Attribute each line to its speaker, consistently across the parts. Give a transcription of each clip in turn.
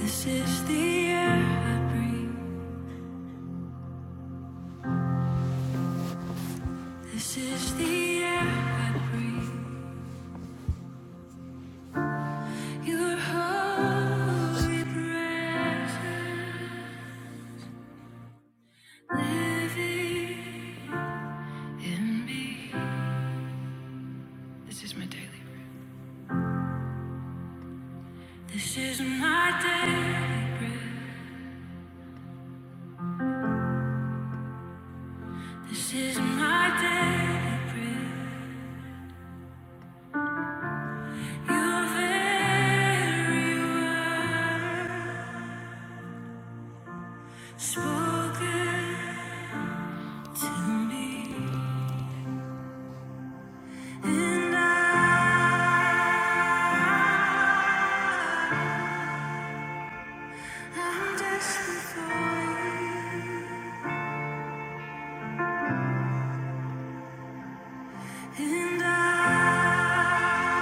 Speaker 1: This is the air I breathe. This is the air I breathe. Your holy presence living in me. This is my daily bread. This is my daily bread. This is my daily bread. Your very word spoken to me. And I I'm desperate for you, and I,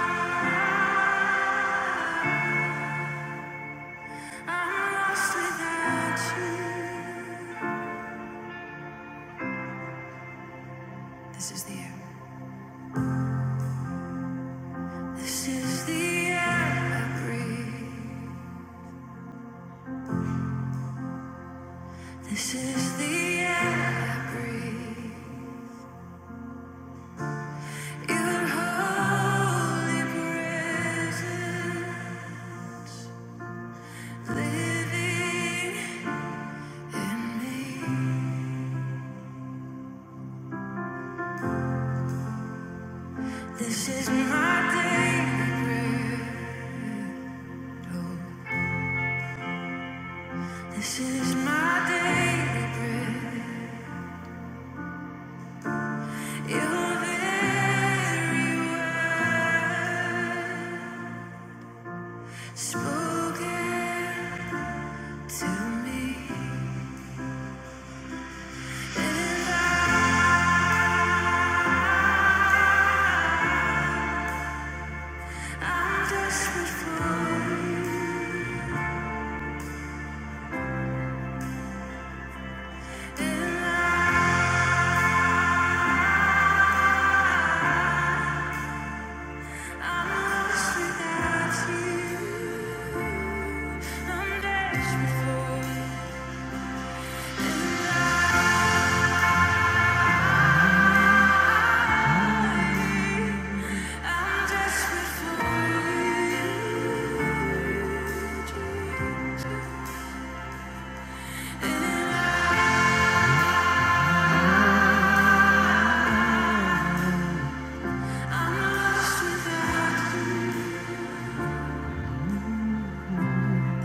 Speaker 1: I'm lost without you. This is the air. This is the air I breathe. This is the air I breathe. Your holy presence living in me. This is my daily bread. Oh, this is my daily bread.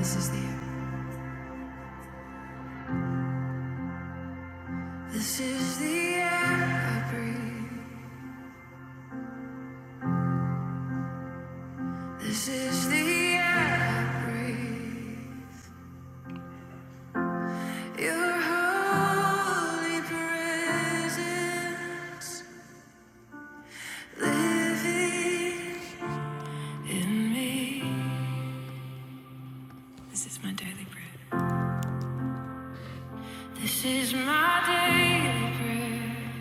Speaker 1: This is the This is the air I breathe. This is the air I breathe. This is my daily bread. This is my daily bread.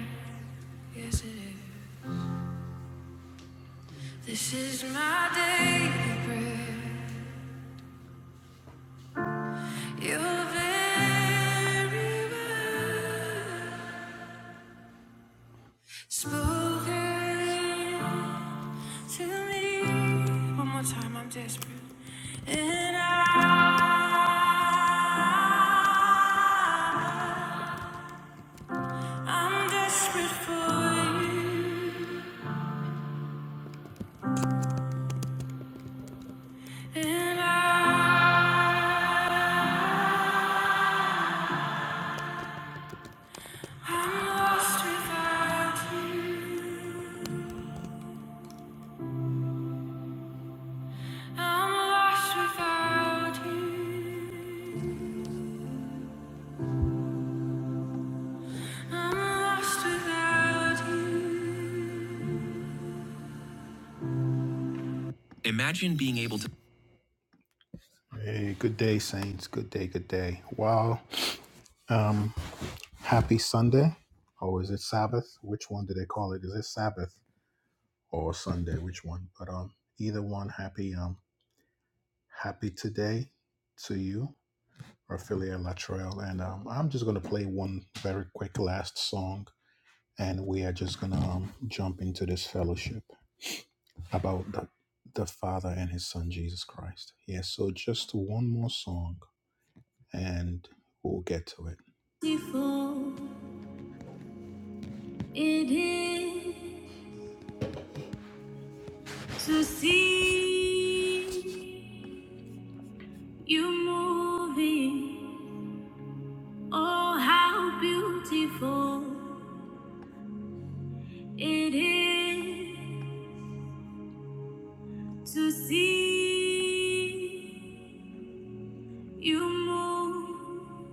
Speaker 1: Yes, it is. This is my daily bread. Your very word spoken. Tell me one more time I'm desperate. And I, I'm desperate for you. And I, I'm lost without you. I'm lost without you. I'm lost without you. Imagine being able to. Hey, good day, Saints. Good day, good day. Wow. Um, Happy Sunday, or is it Sabbath? Which one do they call it? Is it Sabbath or Sunday? Which one? But um, either one. Happy um, happy today to you, Raphaelia Latrell, and um, I'm just gonna play one very quick last song, and we are just gonna um jump into this fellowship about the the Father and His Son Jesus Christ. Yeah. so just one more song, and we'll get to it. Before it is. To see you moving, oh, how beautiful it is. To see you move,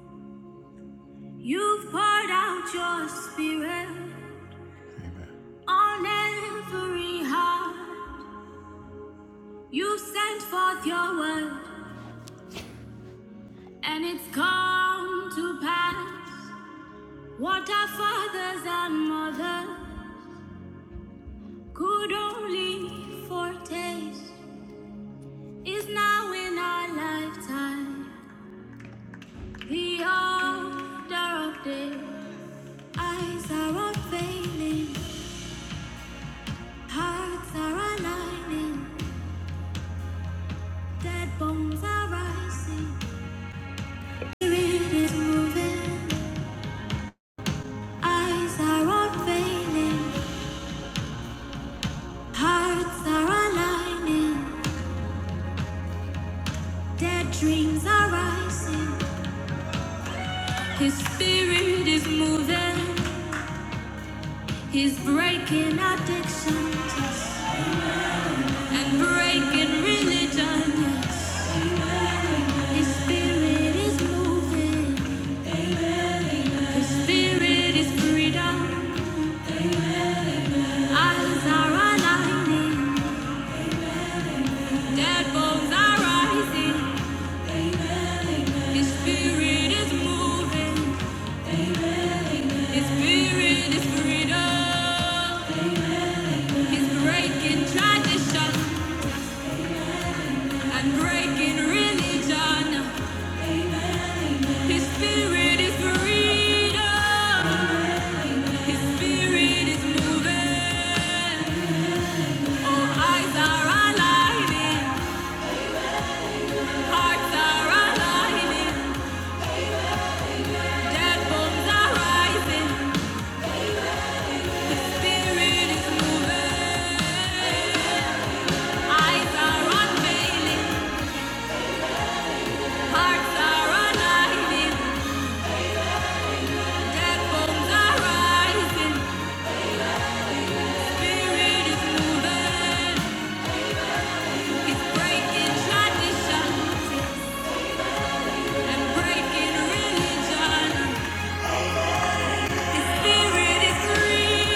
Speaker 1: you've poured out your spirit Amen. on every heart. You've sent forth your word, and it's come to pass. What our fathers and mothers. Good only for taste is now in our lifetime. The order of day, eyes are unveiling, hearts are aligning, dead bones are rising, spirit is moving. Eyes are unveiling, hearts are aligning, dead dreams are rising. His spirit is moving, he's breaking addictions. and breaking religion. His spirit is moving, His spirit is freedom. Eyes are aligning, dead bones are rising. His spirit is moving, His spirit is freedom. He's breaking tradition and breaking religion. His spirit is freedom. His spirit is moving. All eyes are aligning. Hearts are aligning. Dead bones are rising. His spirit is moving. Eyes are unveiling. Hearts are aligning. Dead bones are rising. Spirit is moving. He's breaking tradition and breaking religion. His spirit is freedom.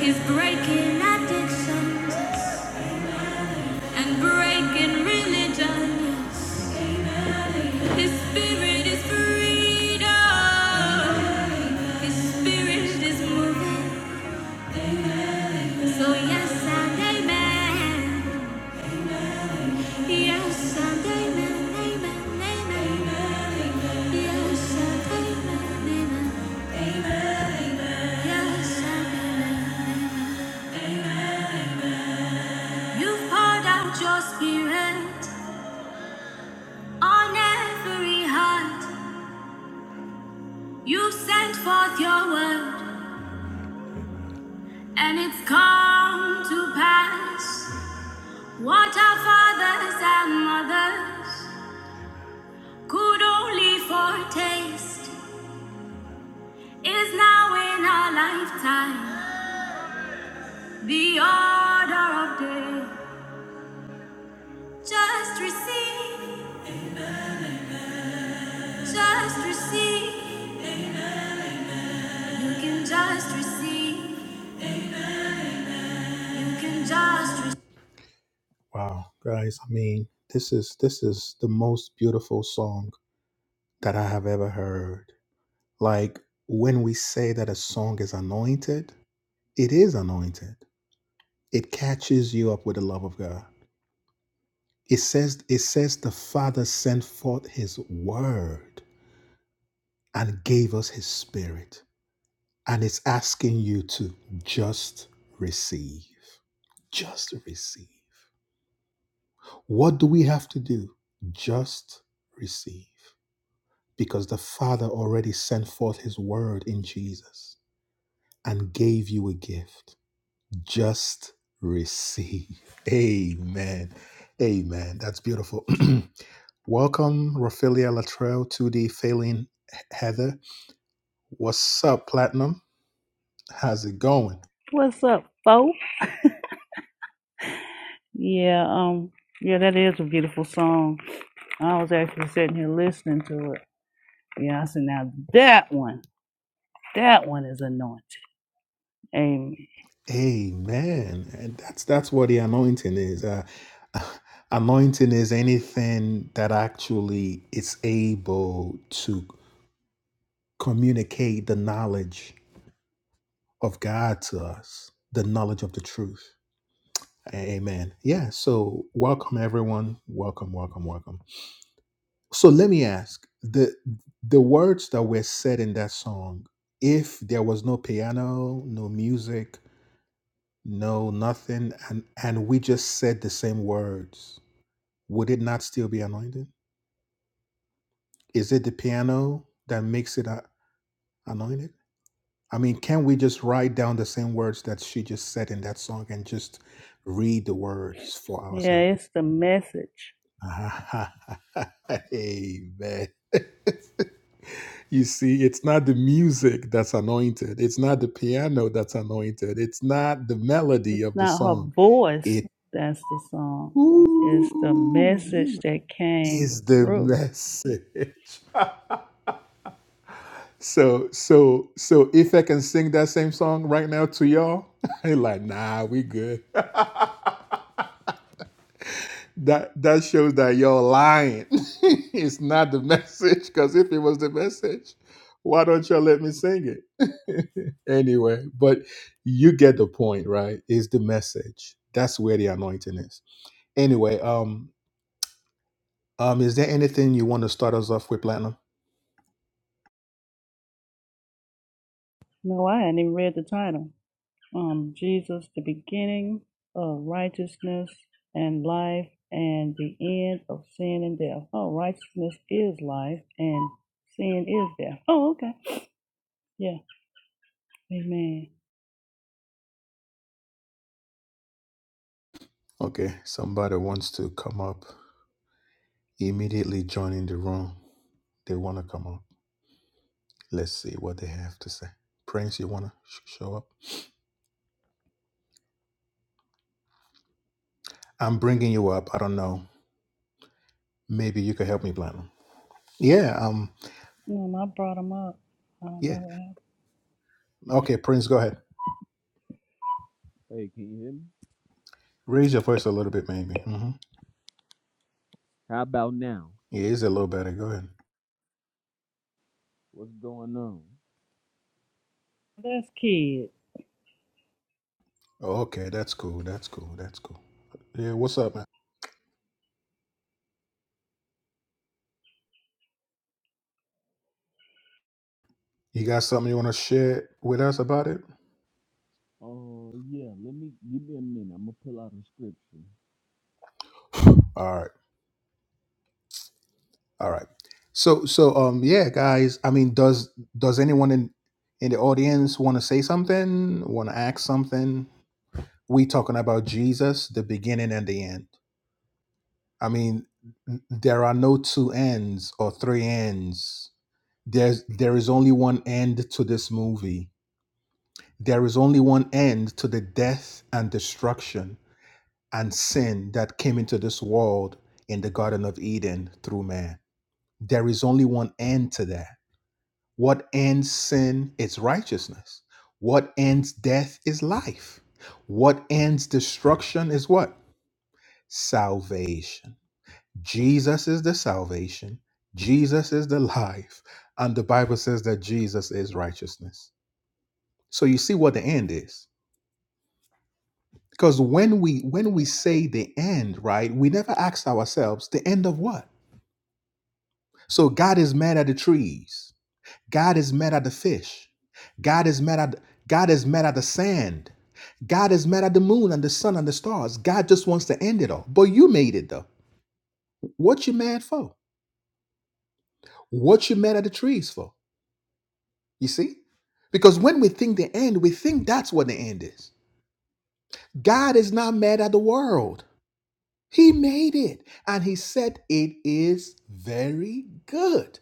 Speaker 1: He's breaking addictions and breaking religions. His spirit is freedom. His spirit is moving. So yes, and amen. Yes, and amen. Amen. Amen. Yes, and amen. Amen. Yes, and amen. Amen. You've poured out your spirit on every heart. You've sent forth your word, and it's come to pass. What our fathers and mothers could only foretaste. It is now in our lifetime. The order of day. Just receive, just receive. Amen, amen. You can just receive. Amen, amen. You can just receive. Wow, guys, I mean, this is this is the most beautiful song that I have ever heard. Like when we say that a song is anointed, it is anointed. It catches you up with the love of God. It says, it says the Father sent forth his word and gave us his spirit. And it's asking you to just receive. Just receive. What do we have to do? Just receive. Because the Father already sent forth his word in Jesus and gave you a gift. just receive. Amen. Amen. That's beautiful. Welcome, Raphaelia Latrell, to the Failing Heather. What's up, Platinum? How's it going?
Speaker 2: What's up, folk? Yeah, um, yeah, that is a beautiful song. I was actually sitting here listening to it. Yeah, I said, now that one, that one is anointed. Amen.
Speaker 1: Amen. And that's that's what the anointing is. Uh, anointing is anything that actually is able to communicate the knowledge of God to us, the knowledge of the truth. Amen. Yeah. So welcome everyone. Welcome, welcome, welcome. So let me ask the the words that were said in that song, if there was no piano, no music, no nothing, and and we just said the same words, would it not still be anointed? Is it the piano that makes it a- anointed? I mean, can we just write down the same words that she just said in that song and just read the words for ourselves?
Speaker 2: Yeah, it's the message.
Speaker 1: Amen. you see, it's not the music that's anointed. It's not the piano that's anointed. It's not the melody
Speaker 2: It's
Speaker 1: of the
Speaker 2: not her
Speaker 1: song.
Speaker 2: voice
Speaker 1: It
Speaker 2: that's the song. It's the
Speaker 1: ooh,
Speaker 2: message that came
Speaker 1: is the
Speaker 2: through.
Speaker 1: message. So, so, so if I can sing that same song right now to y'all, i like, nah, we good. That that shows that you're lying. it's not the message. Because if it was the message, why don't y'all let me sing it? anyway, but you get the point, right? Is the message. That's where the anointing is. Anyway, um, um, is there anything you want to start us off with, Platinum?
Speaker 2: No, I hadn't even read the title. um, Jesus, the beginning of righteousness and life, and the end of sin and death. Oh, righteousness is life, and sin is death. Oh, okay. Yeah. Amen.
Speaker 1: Okay, somebody wants to come up immediately joining the room. They want to come up. Let's see what they have to say. Prince, you want to sh- show up? I'm bringing you up. I don't know. Maybe you could help me, Platinum. Yeah. Um.
Speaker 2: Um, I brought him up. I don't know
Speaker 1: Yeah.
Speaker 2: what happened.
Speaker 1: Okay, Prince, go ahead.
Speaker 3: Hey, can you hear me?
Speaker 1: Raise your voice a little bit, maybe. Mm-hmm.
Speaker 3: How about now?
Speaker 1: Yeah, it's a little better. Go ahead.
Speaker 3: What's going on?
Speaker 2: This kid,
Speaker 1: Okay, that's cool. That's cool. That's cool. Yeah. What's up, man? You got something you want to share with us about it?
Speaker 3: Oh uh, yeah, let me give me a minute. I'm gonna pull out a scripture.
Speaker 1: All right. All right. So so um yeah, guys. I mean, does does anyone in in the audience want to say something? Want to ask something? We talking about Jesus, the beginning and the end. I mean, there are no two ends or three ends. There's there is only one end to this movie. There is only one end to the death and destruction and sin that came into this world in the Garden of Eden through man. There is only one end to that What ends sin is righteousness. What ends death is life. What ends destruction is what? Salvation. Jesus is the salvation. Jesus is the life. And the Bible says that Jesus is righteousness. So you see what the end is. Because when we when we say the end, right, we never ask ourselves the end of what? So God is mad at the trees. God is mad at the fish. God is mad at God is mad at the sand. God is mad at the moon and the sun and the stars. God just wants to end it all. But you made it though. What you mad for? What you mad at the trees for? You see? Because when we think the end, we think that's what the end is. God is not mad at the world. He made it and he said it is very good.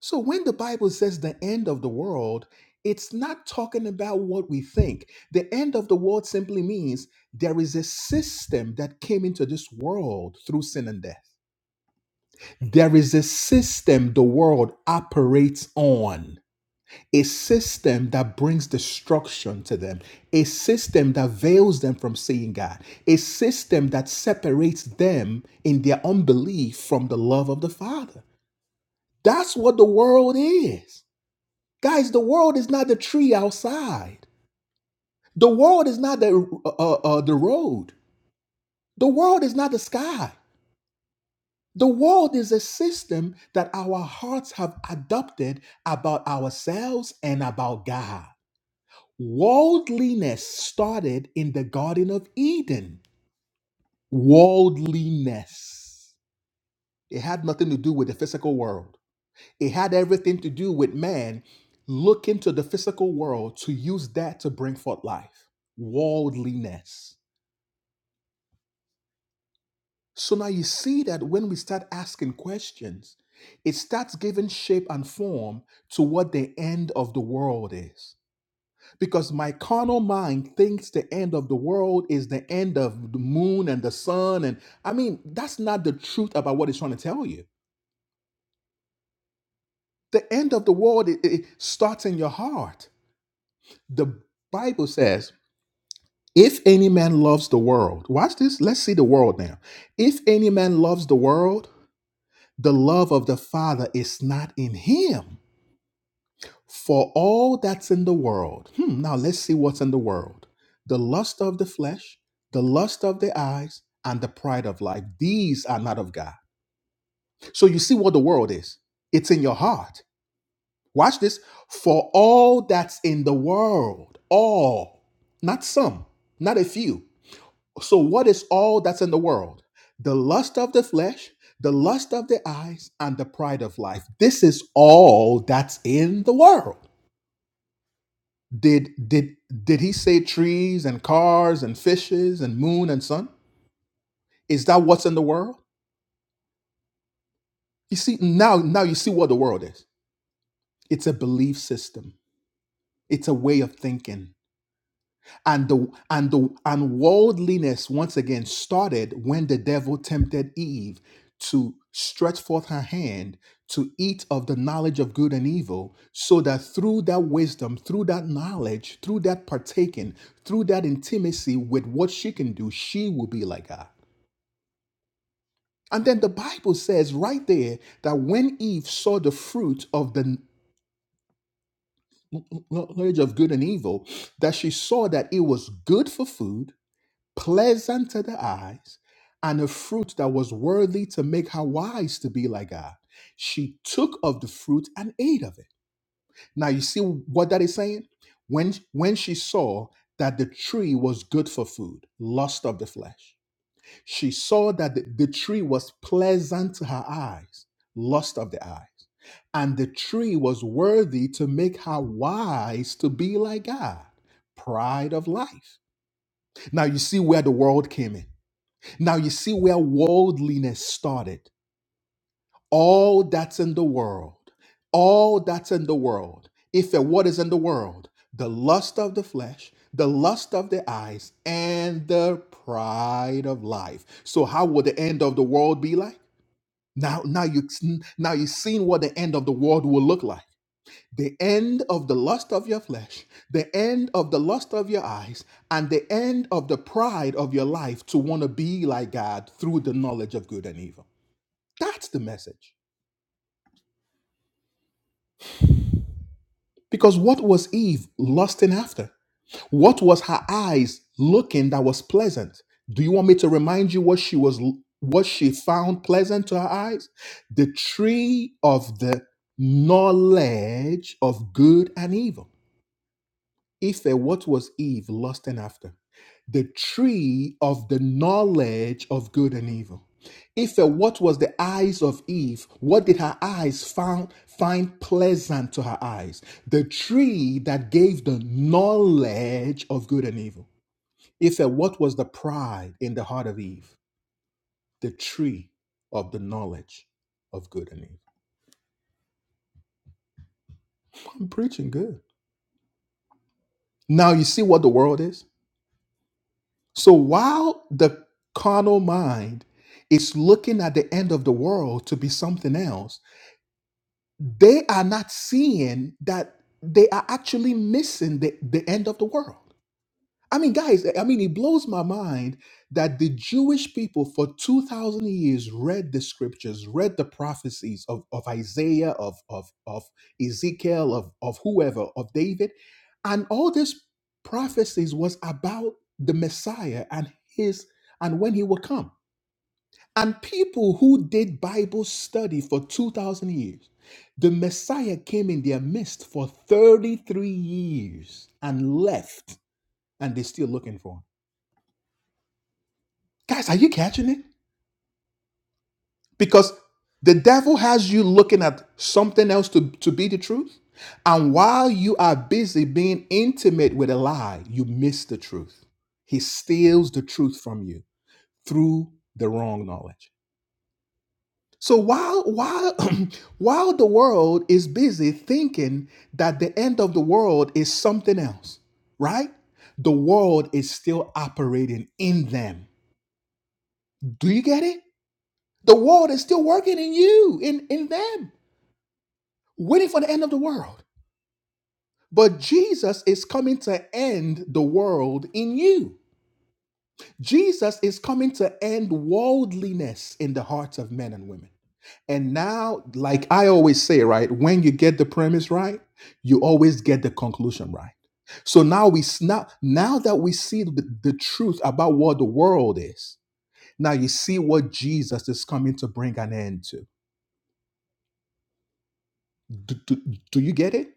Speaker 1: So when the Bible says the end of the world, it's not talking about what we think. The end of the world simply means there is a system that came into this world through sin and death. There is a system the world operates on, a system that brings destruction to them, a system that veils them from seeing God, a system that separates them in their unbelief from the love of the Father. That's what the world is. Guys, the world is not the tree outside. The world is not the uh, uh, uh, the road. The world is not the sky. The world is a system that our hearts have adopted about ourselves and about God. Worldliness started in the Garden of Eden. Worldliness. It had nothing to do with the physical world. It had everything to do with man looking to the physical world to use that to bring forth life, worldliness. So now you see that when we start asking questions, it starts giving shape and form to what the end of the world is. Because my carnal mind thinks the end of the world is the end of the moon and the sun. And I mean, that's not the truth about what it's trying to tell you. The end of the world it, it starts in your heart. The Bible says If any man loves the world, watch this. Let's see the world now. If any man loves the world, the love of the Father is not in him. For all that's in the world, hmm, now let's see what's in the world the lust of the flesh, the lust of the eyes, and the pride of life. These are not of God. So you see what the world is it's in your heart. Watch this. For all that's in the world, all, not some, not a few. So, what is all that's in the world? The lust of the flesh, the lust of the eyes, and the pride of life. This is all that's in the world. Did did did he say trees and cars and fishes and moon and sun? Is that what's in the world? You see now now you see what the world is. It's a belief system. It's a way of thinking. and the and the and worldliness once again started when the devil tempted Eve to stretch forth her hand to eat of the knowledge of good and evil so that through that wisdom through that knowledge through that partaking through that intimacy with what she can do she will be like God and then the bible says right there that when Eve saw the fruit of the knowledge of good and evil that she saw that it was good for food pleasant to the eyes, and a fruit that was worthy to make her wise to be like God. She took of the fruit and ate of it. Now you see what that is saying? When when she saw that the tree was good for food, lust of the flesh. She saw that the, the tree was pleasant to her eyes, lust of the eyes. And the tree was worthy to make her wise to be like God, pride of life. Now you see where the world came in now you see where worldliness started. All that's in the world, all that's in the world. If it what is in the world, the lust of the flesh, the lust of the eyes, and the pride of life. So how will the end of the world be like? Now, now you now you've seen what the end of the world will look like the end of the lust of your flesh, the end of the lust of your eyes, and the end of the pride of your life to want to be like God through the knowledge of good and evil. That's the message. Because what was Eve lusting after? What was her eyes looking that was pleasant? Do you want me to remind you what she was what she found pleasant to her eyes? The tree of the knowledge of good and evil. If a what was Eve lusting after? The tree of the knowledge of good and evil. If a what was the eyes of Eve? What did her eyes found, find pleasant to her eyes? The tree that gave the knowledge of good and evil. If a what was the pride in the heart of Eve? The tree of the knowledge of good and evil. I'm preaching good. Now you see what the world is? So while the carnal mind is looking at the end of the world to be something else, they are not seeing that they are actually missing the, the end of the world. I mean, guys, I mean, it blows my mind that the Jewish people for 2,000 years read the scriptures, read the prophecies of, of Isaiah, of, of, of Ezekiel, of, of whoever, of David. And all this prophecies was about the Messiah and his, and when he would come. And people who did Bible study for 2,000 years, the Messiah came in their midst for 33 years and left, and they're still looking for him Guys, are you catching it? Because the devil has you looking at something else to, to be the truth. And while you are busy being intimate with a lie, you miss the truth. He steals the truth from you through the wrong knowledge. So while while while the world is busy thinking that the end of the world is something else, right? The world is still operating in them. Do you get it? The world is still working in you, in, in them, waiting for the end of the world. But Jesus is coming to end the world in you. Jesus is coming to end worldliness in the hearts of men and women. And now, like I always say, right, when you get the premise right, you always get the conclusion right. So now we s- now, now that we see the, the truth about what the world is, now you see what Jesus is coming to bring an end to. do do- do you get it?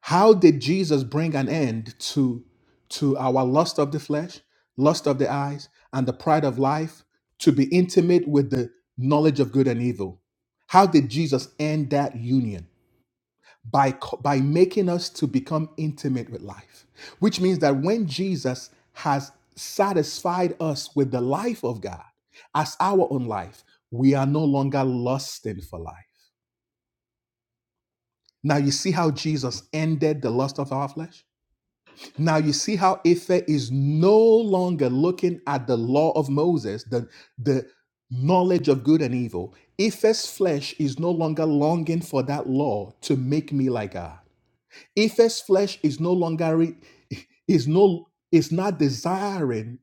Speaker 1: How did Jesus bring an end to, to our lust of the flesh, lust of the eyes, and the pride of life to be intimate with the knowledge of good and evil? How did Jesus end that union? By, co- by making us to become intimate with life, which means that when Jesus has satisfied us with the life of God as our own life, we are no longer lusting for life. Now, you see how Jesus ended the lust of our flesh? Now you see how Ife is no longer looking at the law of Moses, the, the knowledge of good and evil. Ife's flesh is no longer longing for that law to make me like God. Ife's flesh is no longer re- is no is not desiring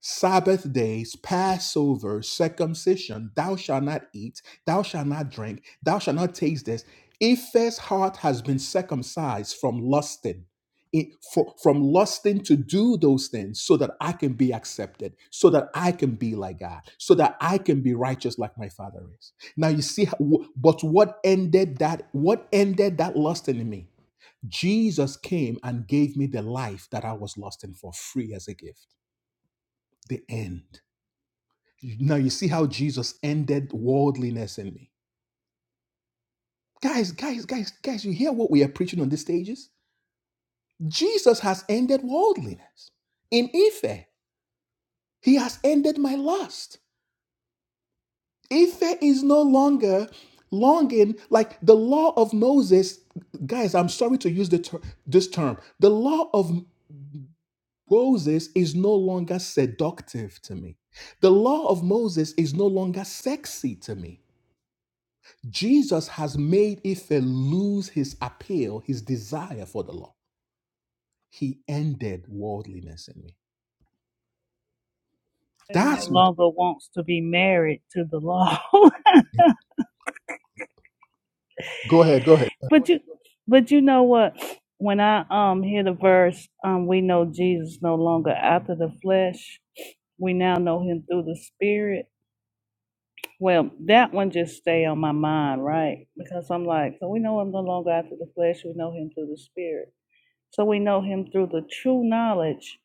Speaker 1: Sabbath days, Passover, circumcision, thou shalt not eat, thou shalt not drink, thou shalt not taste this. Eph's heart has been circumcised from lusting, it- fro- from lusting to do those things so that I can be accepted, so that I can be like God, so that I can be righteous like my father is. Now you see, how- wh- but what ended that, what ended that lusting in me? Jesus came and gave me the life that I was lusting for, free as a gift. The end. You- Now you see how Jesus ended worldliness in me. Guys, guys, guys, guys, you hear what we are preaching on these stages? Jesus has ended worldliness. In Ife, he has ended my lust. Ife is no longer longing like the law of Moses. Guys, I'm sorry to use the ter- this term. The law of Moses is no longer seductive to me. The law of Moses is no longer sexy to me. Jesus has made Ife lose his appeal, his desire for the law. He ended worldliness in me.
Speaker 2: they no
Speaker 1: That's what.
Speaker 2: longer wants to be married to the law.
Speaker 1: Go ahead, go ahead.
Speaker 2: but you, but you know what? When I um hear the verse, um, we know Jesus no longer after the flesh. We now know him through the spirit Well, that one just stay on my mind, right? Because I'm like, so we know him no longer after the flesh, we know him through the spirit. So we know him through the true knowledge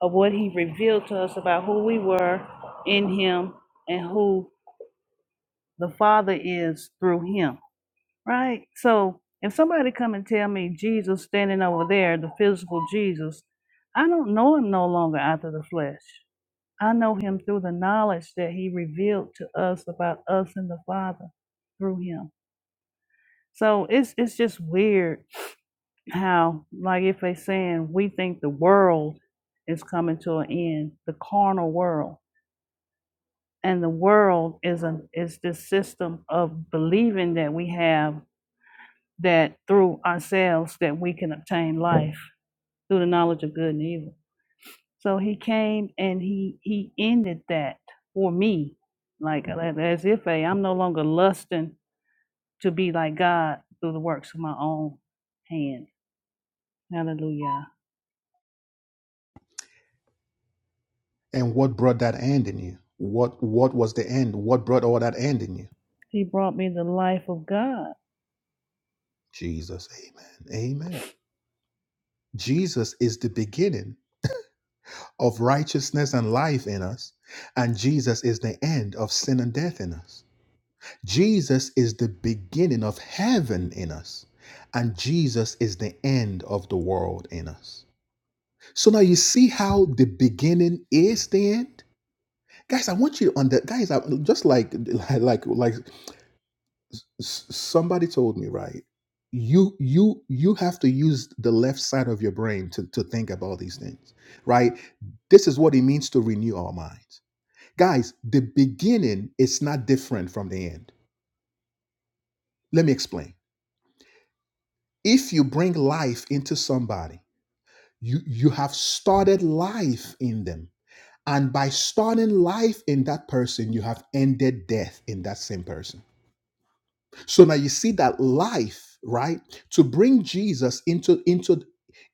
Speaker 2: of what he revealed to us about who we were in him and who the Father is through him, right? So if somebody come and tell me Jesus standing over there, the physical Jesus, I don't know him no longer after the flesh. I know him through the knowledge that he revealed to us about us and the Father through him. So it's it's just weird how like if they saying we think the world is coming to an end, the carnal world. And the world is a is this system of believing that we have that through ourselves that we can obtain life through the knowledge of good and evil. So he came and he he ended that for me, like a- as if a, I'm no longer lusting to be like God through the works of my own hand. Hallelujah.
Speaker 1: And what brought that end in you? What What was the end? What brought all that end in you?
Speaker 2: He brought me the life of God.
Speaker 1: Jesus. Amen. Amen. Jesus is the beginning of righteousness and life in us, and Jesus is the end of sin and death in us. Jesus is the beginning of heaven in us, and Jesus is the end of the world in us. So now you see how the beginning is the end, guys. I want you to that, guys. I, just like like like s- somebody told me, right? You you you have to use the left side of your brain to to think about these things, right? This is what it means to renew our minds, guys. The beginning is not different from the end. Let me explain. If you bring life into somebody, you you have started life in them And by starting life in that person, you have ended death in that same person. So now you see that life, right? To bring Jesus into into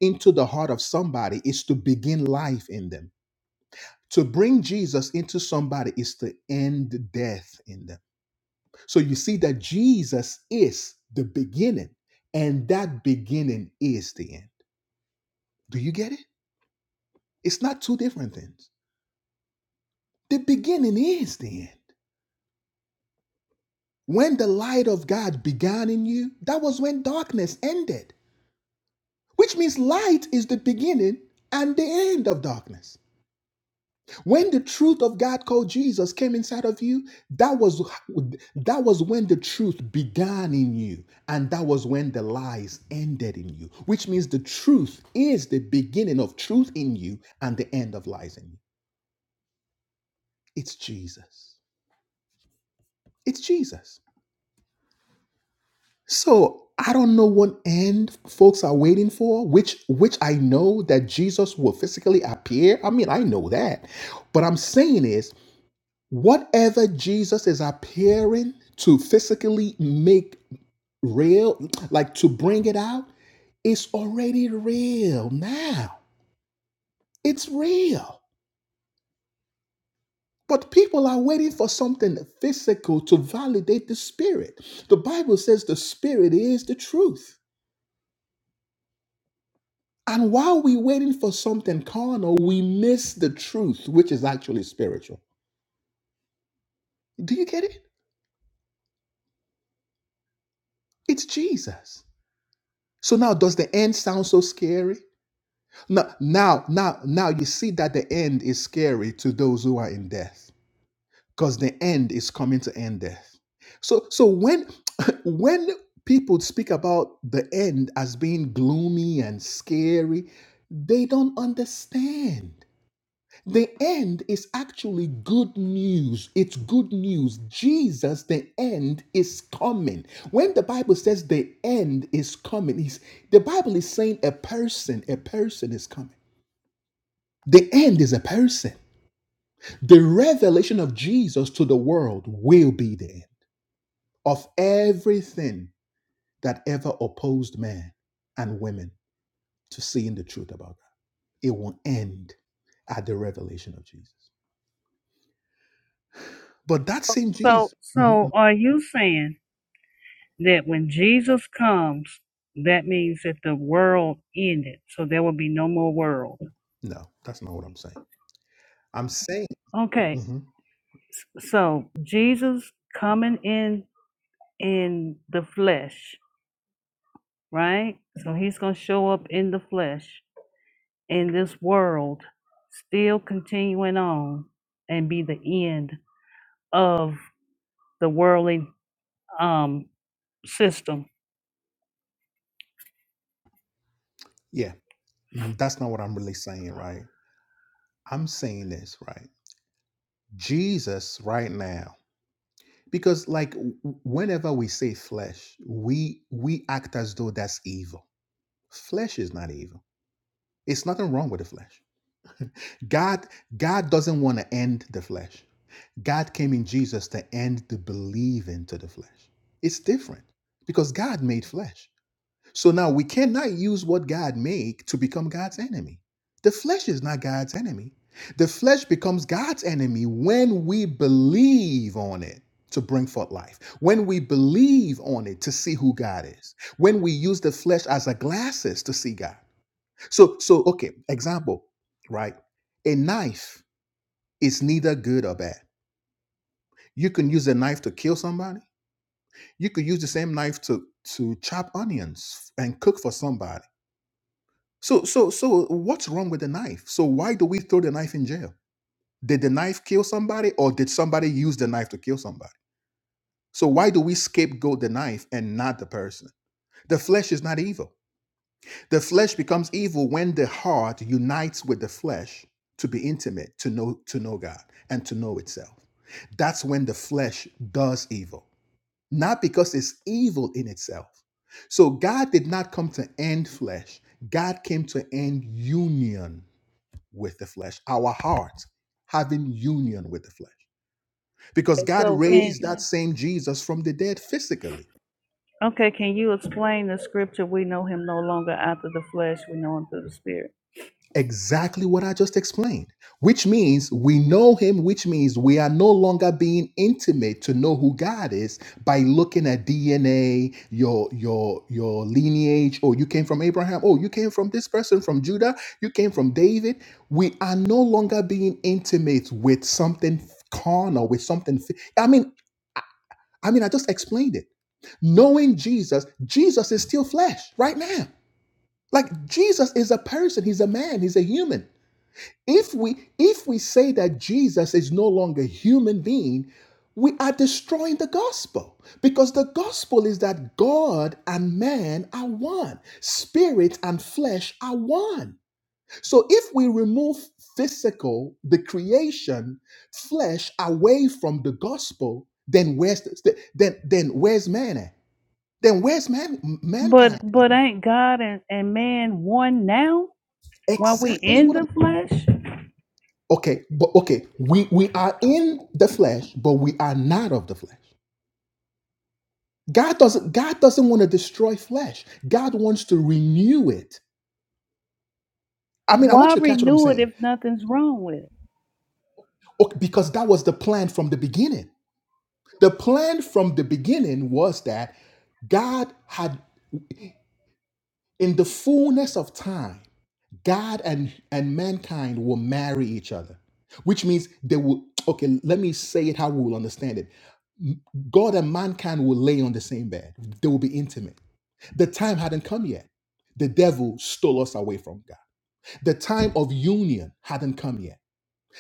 Speaker 1: into the heart of somebody is to begin life in them. To bring Jesus into somebody is to end death in them. So you see that Jesus is the beginning, and that beginning is the end. Do you get it? It's not two different things. The beginning is the end. When the light of God began in you, that was when darkness ended, which means light is the beginning and the end of darkness. When the truth of God called Jesus came inside of you, that was that was when the truth began in you and that was when the lies ended in you, which means the truth is the beginning of truth in you and the end of lies in you. It's Jesus. It's Jesus. So I don't know what end folks are waiting for, which which I know that Jesus will physically appear. I mean, I know that. But I'm saying is whatever Jesus is appearing to physically make real, like to bring it out, is already real now. It's real. But people are waiting for something physical to validate the spirit. The Bible says the spirit is the truth. And while we're waiting for something carnal, we miss the truth, which is actually spiritual. Do you get it? It's Jesus. So now, does the end sound so scary? Now, now, now, now you see that the end is scary to those who are in death, because the end is coming to end death. So, so when, when people speak about the end as being gloomy and scary, they don't understand. The end is actually good news. It's good news. Jesus, the end is coming. When the Bible says the end is coming, is the Bible is saying a person, a person is coming. The end is a person. The revelation of Jesus to the world will be the end of everything that ever opposed men and women to seeing the truth about God. It will end at the revelation of Jesus. But that same
Speaker 2: So
Speaker 1: Jesus.
Speaker 2: so are you saying that when Jesus comes, that means that the world ended, so there will be no more world?
Speaker 1: No, that's not what I'm saying. I'm saying,
Speaker 2: Okay,
Speaker 1: Mhm.
Speaker 2: s- so Jesus coming in in the flesh right? So he's going to show up in the flesh in this world, still continuing on and be the end of the worldly um, system.
Speaker 1: yeah, mm, that's not what I'm really saying, right? I'm saying this, right? Jesus, right now, because like w- whenever we say flesh, we we act as though that's evil. Flesh is not evil. It's nothing wrong with the flesh. God, God doesn't want to end the flesh. God came in Jesus to end the believing to the flesh. It's different because God made flesh. So now we cannot use what God made to become God's enemy. The flesh is not God's enemy. The flesh becomes God's enemy when we believe on it to bring forth life, when we believe on it to see who God is, when we use the flesh as a glasses to see God. So, so okay, example, right? A knife is neither good or bad. You can use a knife to kill somebody. You could use the same knife to to chop onions and cook for somebody So, so, so, what's wrong with the knife? So, why do we throw the knife in jail? Did the knife kill somebody, or did somebody use the knife to kill somebody? So, why do we scapegoat the knife and not the person? The flesh is not evil. The flesh becomes evil when the heart unites with the flesh to be intimate, to know, to know God, and to know itself. That's when the flesh does evil, not because it's evil in itself. So, God did not come to end flesh. God came to end union with the flesh, our hearts having union with the flesh. Because
Speaker 2: And
Speaker 1: God
Speaker 2: So can
Speaker 1: raised that same Jesus from the dead physically.
Speaker 2: okay, can you explain the scripture? We know him no longer after the flesh; we know him through the spirit.
Speaker 1: Exactly what I just explained, which means we know him, which means we are no longer being intimate to know who God is by looking at DNA, your your your lineage. Oh, you came from Abraham. Oh, you came from this person from Judah. You came from David we are no longer being intimate with something carnal, with something. fi- I mean, I mean, I just explained it. Knowing Jesus, Jesus is still flesh right now. Like Jesus is a person, he's a man, he's a human. If we if we say that Jesus is no longer a human being, we are destroying the gospel because the gospel is that God and man are one. Spirit and flesh are one. So if we remove physical, the creation, flesh away from the gospel, then where's the, then then where's man at? then where's man
Speaker 2: But
Speaker 1: mankind?
Speaker 2: but ain't God and, and man one now? While we
Speaker 1: Exactly
Speaker 2: in
Speaker 1: what.
Speaker 2: the
Speaker 1: I'm-
Speaker 2: flesh,
Speaker 1: okay, but okay, we we are in the flesh, but we are not of the flesh. God doesn't God doesn't want to destroy flesh. God wants to renew it. I mean, I
Speaker 2: why
Speaker 1: want you to catch what I'm
Speaker 2: renew it
Speaker 1: saying,
Speaker 2: if nothing's wrong with it?
Speaker 1: okay, because that was the plan from the beginning. The plan from the beginning was that God had, in the fullness of time, God and and mankind will marry each other, which means they will. Okay, let me say it how we will understand it God and mankind will lay on the same bed. They will be intimate. The time hadn't come yet. The devil stole us away from God. The time of union hadn't come yet.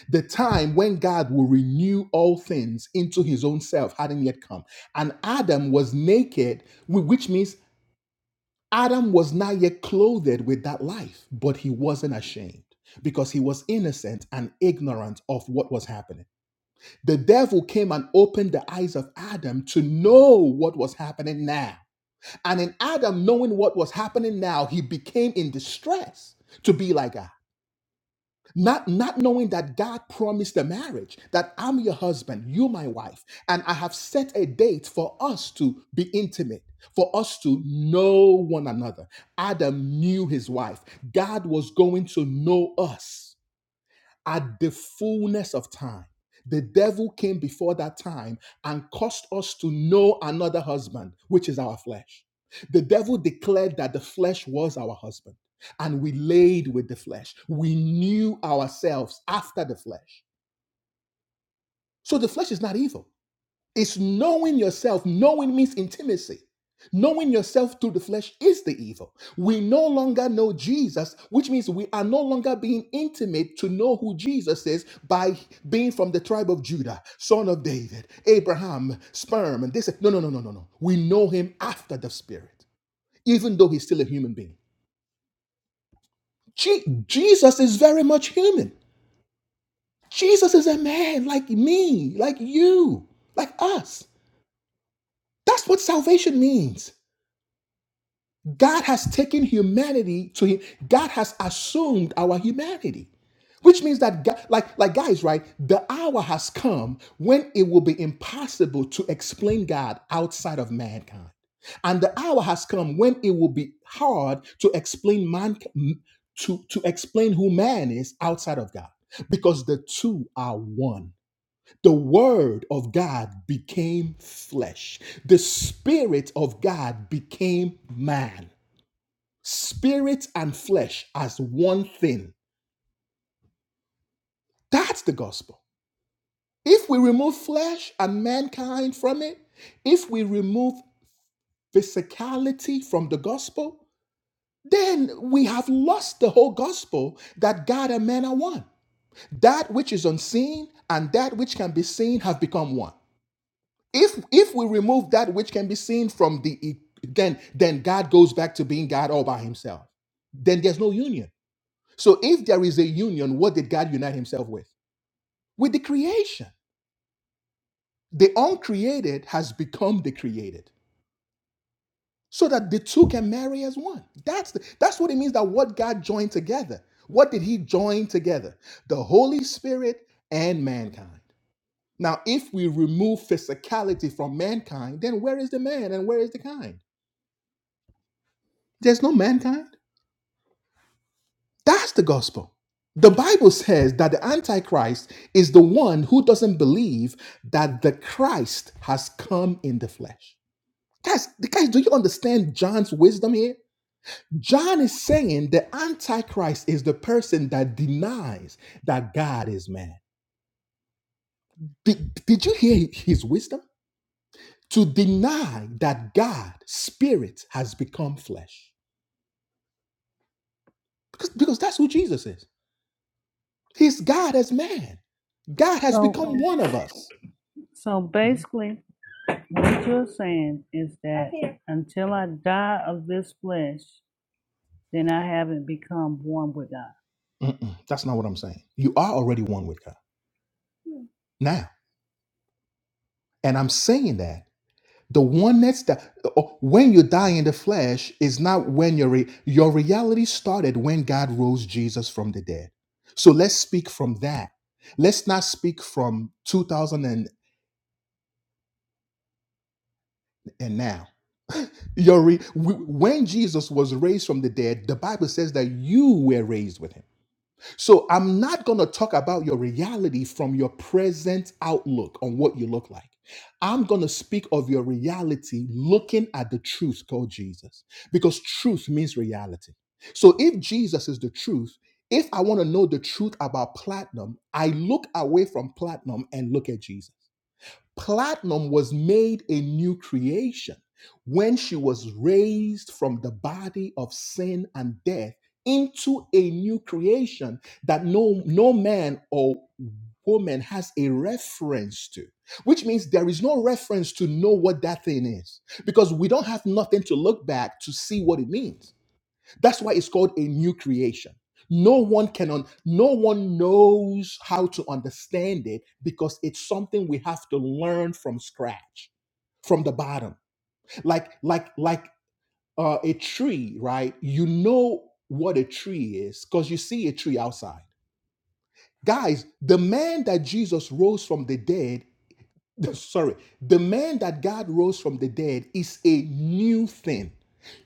Speaker 1: The time when God will renew all things into his own self hadn't yet come. And Adam was naked, wh- which means Adam was not yet clothed with that life, but he wasn't ashamed because he was innocent and ignorant of what was happening. The devil came and opened the eyes of Adam to know what was happening now. And in Adam knowing what was happening now, he became in distress to be like God. Not, not knowing that God promised a marriage, that I'm your husband, you my wife, and I have set a date for us to be intimate, for us to know one another. Adam knew his wife. God was going to know us at the fullness of time. The devil came before that time and caused us to know another husband, which is our flesh. The devil declared that the flesh was our husband, and we laid with the flesh. We knew ourselves after the flesh. So the flesh is not evil. It's knowing yourself. Knowing means intimacy. Knowing yourself through the flesh is the evil. We no longer know Jesus, which means we are no longer being intimate to know who Jesus is by being from the tribe of Judah, son of David, Abraham, sperm, and this. No, no, no, no, no, no. We know him after the Spirit, even though he's still a human being. Je- Jesus is very much human. Jesus is a man like me, like you, like us. That's what salvation means. God has taken humanity to him. God has assumed our humanity. Which means that, Ga- like, like guys, right? The hour has come when it will be impossible to explain God outside of mankind, and the hour has come when it will be hard to explain man to to explain who man is outside of God, because the two are one. The Word of God became flesh. The Spirit of God became man. Spirit and flesh as one thing. That's the gospel. If we remove flesh and mankind from it, if we remove physicality from the gospel, then we have lost the whole gospel that God and man are one. That which is unseen and that which can be seen have become one. If if we remove that which can be seen from the then then God goes back to being God all by himself. Then there's no union So if there is a union, what did God unite himself with? With the creation. The uncreated has become the created. So that the two can marry as one. That's the, that's what it means that what God joined together. What did he join together? The Holy Spirit and mankind. Now, if we remove physicality from mankind, then where is the man and where is the kind? There's no mankind. That's the gospel. The Bible says that the Antichrist is the one who doesn't believe that the Christ has come in the flesh. Guys, guys, do you understand John's wisdom here? John is saying the Antichrist is the person that denies that God is man. Did, did you hear his wisdom? To deny that God, spirit, has become flesh. Because, because that's who Jesus is. He's God as man. God has
Speaker 2: So
Speaker 1: become one of us.
Speaker 2: so basically. What you're saying is that until I die of this flesh, then I haven't become born with God.
Speaker 1: Mm-mm, that's not what I'm saying. You are already one with God now. And I'm saying that the one that's that oh, when you die in the flesh is not when your re- your reality started when God rose Jesus from the dead. So let's speak from that. Let's not speak from 2000 and, and now. Your re- w- when Jesus was raised from the dead, the Bible says that you were raised with him. So I'm not going to talk about your reality from your present outlook on what you look like. I'm going to speak of your reality looking at the truth called Jesus because truth means reality. So if Jesus is the truth, if I want to know the truth about platinum, I look away from platinum and look at Jesus. Platinum was made a new creation when she was raised from the body of sin and death into a new creation that no, no man or woman has a reference to, which means there is no reference to know what that thing is because we don't have nothing to look back to see what it means. That's why it's called a new creation. No one can un- no one knows how to understand it because it's something we have to learn from scratch, from the bottom. Like like like uh, a tree, right? You know what a tree is because you see a tree outside. Guys, the man that Jesus rose from the dead, sorry, the man that God rose from the dead is a new thing.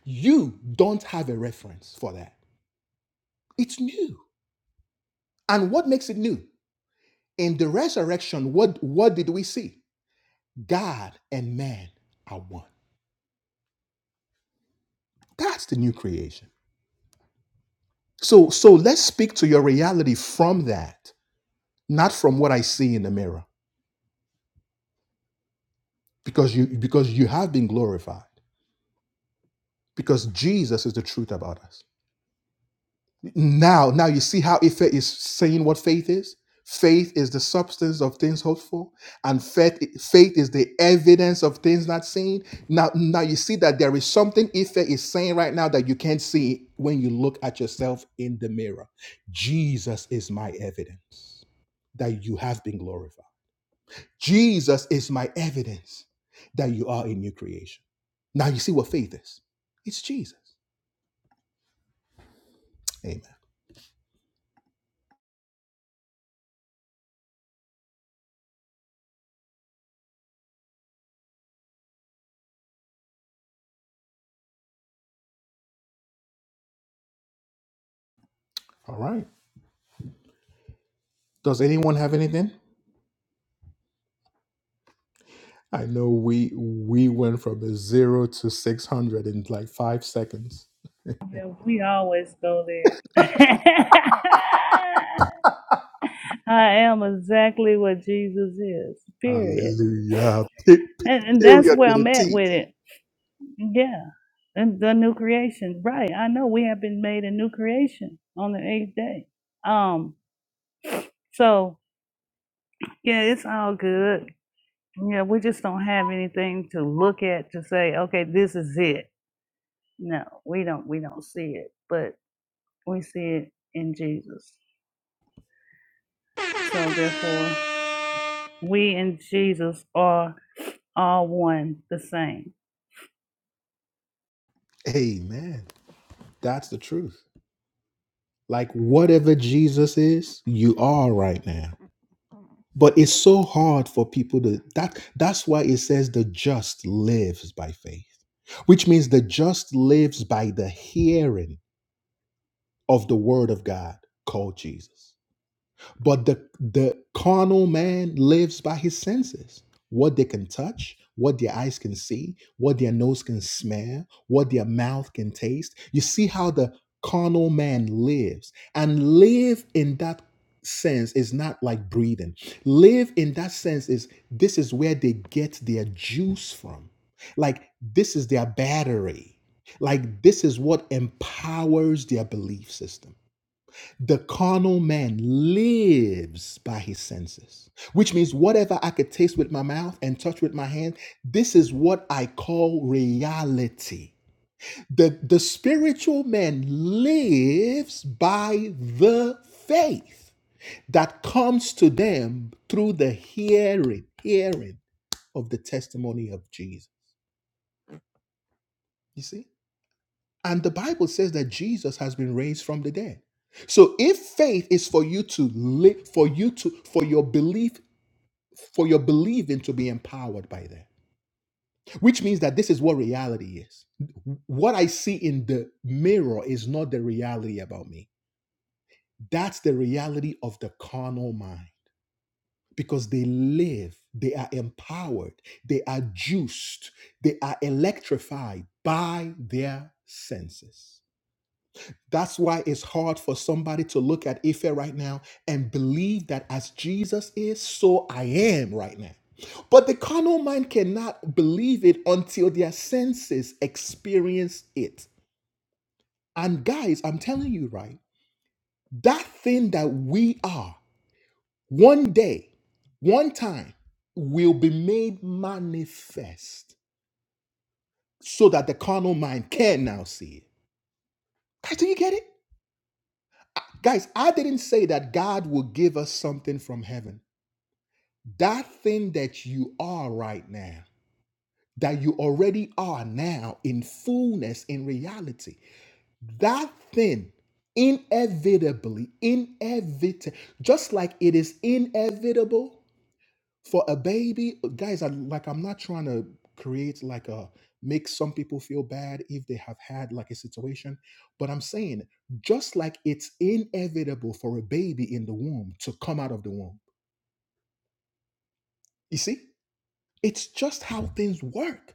Speaker 1: You don't have a reference for that. It's new. And what makes it new? In the resurrection, what, what did we see? God and man are one. That's the new creation. So, so let's speak to your reality from that, not from what I see in the mirror, because you because you have been glorified, because Jesus is the truth about us. Now, now you see how Ife is saying what faith is? Faith is the substance of things hoped for, and faith, faith is the evidence of things not seen. Now, now you see that there is something Ife is saying right now that you can't see when you look at yourself in the mirror. Jesus is my evidence that you have been glorified. Jesus is my evidence that you are a new creation. Now you see what faith is. It's Jesus. Amen. All right. Does anyone have anything? I know we we went from a zero to six hundred in like five seconds.
Speaker 2: Yeah, we always go there. I am exactly what Jesus is, period.
Speaker 1: Hallelujah. Pe- pe-
Speaker 2: And, and that's
Speaker 1: Period
Speaker 2: where
Speaker 1: with a
Speaker 2: I'm at
Speaker 1: T.
Speaker 2: with it. Yeah. And the new creation. Right. I know we have been made a new creation on the eighth day. Um, so yeah, it's all good. Yeah, we just don't have anything to look at to say, okay, this is it. No, we don't we don't see it, but we see it in Jesus. So therefore, we and Jesus are all one, the same.
Speaker 1: Amen. That's the truth. Like whatever Jesus is, you are right now. But it's so hard for people to that that's why it says the just lives by faith, which means the just lives by the hearing of the word of God called Jesus. But the the carnal man lives by his senses. What they can touch, what their eyes can see, what their nose can smell, what their mouth can taste. You see how the carnal man lives. And live in that sense is not like breathing. Live in that sense is this is where they get their juice from. Like this is their battery. Like this is what empowers their belief system the carnal man lives by his senses, which means whatever I could taste with my mouth and touch with my hand, this is what I call reality. The, the spiritual man lives by the faith that comes to them through the hearing, hearing of the testimony of Jesus. You see? And the Bible says that Jesus has been raised from the dead. So if faith is for you to live, for you to, for your belief, for your believing to be empowered by that, which means that this is what reality is. What I see in the mirror is not the reality about me. That's the reality of the carnal mind because they live, they are empowered, they are juiced, they are electrified by their senses. That's why it's hard for somebody to look at Ife right now and believe that as Jesus is, so I am right now. But the carnal mind cannot believe it until their senses experience it. And guys, I'm telling you, right? That thing that we are, one day, one time, will be made manifest so that the carnal mind can now see it. Guys, do you get it? Uh, Guys, I didn't say that God will give us something from heaven. That thing that you are right now, that you already are now in fullness, in reality, that thing inevitably, inevitable, just like it is inevitable for a baby. Guys, I, like I'm not trying to create like a make some people feel bad if they have had like a situation, but I'm saying just like it's inevitable for a baby in the womb to come out of the womb. You see, it's just how things work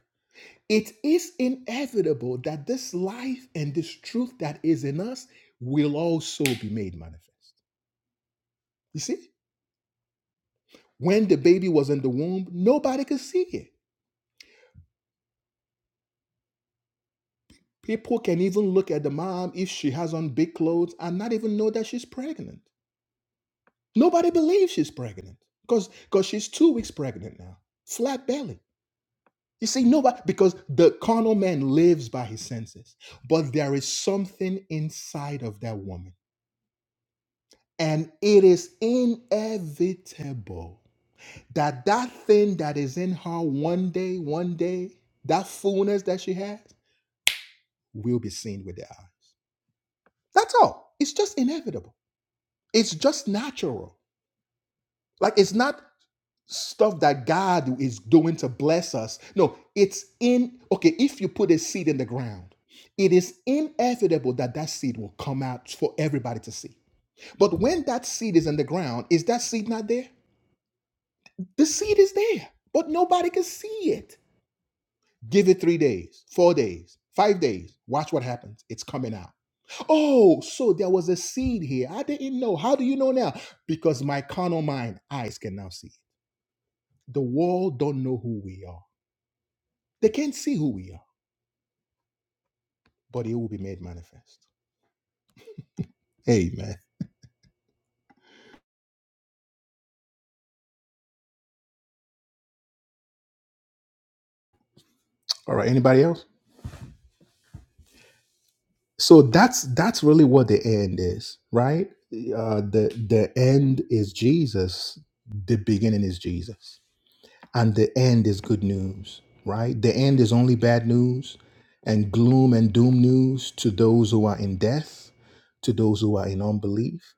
Speaker 1: It is inevitable that this life and this truth that is in us will also be made manifest. You see, when the baby was in the womb, nobody could see it. People can even look at the mom if she has on big clothes and not even know that she's pregnant. Nobody believes she's pregnant because because she's two weeks pregnant now, flat belly. You see, nobody because the carnal man lives by his senses, but there is something inside of that woman And it is inevitable that that thing that is in her one day, one day, that fullness that she has will be seen with the eyes. That's all. It's just inevitable. It's just natural. Like it's not stuff that God is doing to bless us. No, it's in, okay, if you put a seed in the ground, it is inevitable that that seed will come out for everybody to see. But when that seed is in the ground, is that seed not there? The seed is there, but nobody can see it. Give it three days, four days, five days. Watch what happens. It's coming out. Oh, so there was a seed here. I didn't know. How do you know now? Because my carnal mind, eyes can now see it. The world don't know who we are. They can't see who we are, but it will be made manifest. Amen. All right. Anybody else? So that's that's really what the end is, right? Uh, the the end is Jesus. The beginning is Jesus and the end is good news, right? The end is only bad news and gloom and doom news to those who are in death, to those who are in unbelief,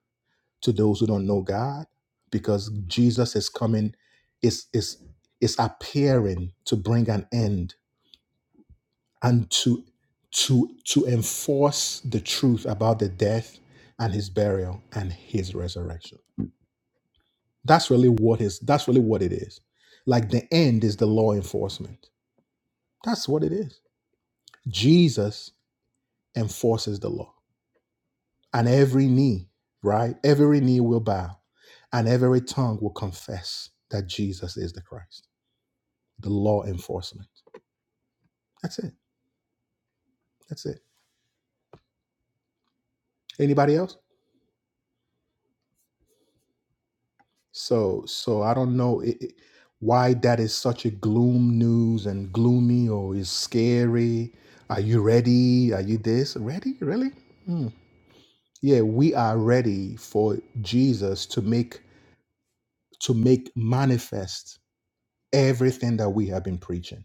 Speaker 1: to those who don't know God, because Jesus is coming, is is is appearing to bring an end and to to to enforce the truth about the death and his burial and his resurrection. That's really what is that's really what it is. Like the end is the law enforcement That's what it is. Jesus enforces the law, and every knee, right? Every knee will bow, and every tongue will confess that Jesus is the Christ. The law enforcement. That's it. That's it. Anybody else? So, so I don't know i i- why that is such a gloom news and gloomy or is scary. Are you ready? Are you this ready? Really? Hmm. Yeah, we are ready for Jesus to make to make manifest everything that we have been preaching.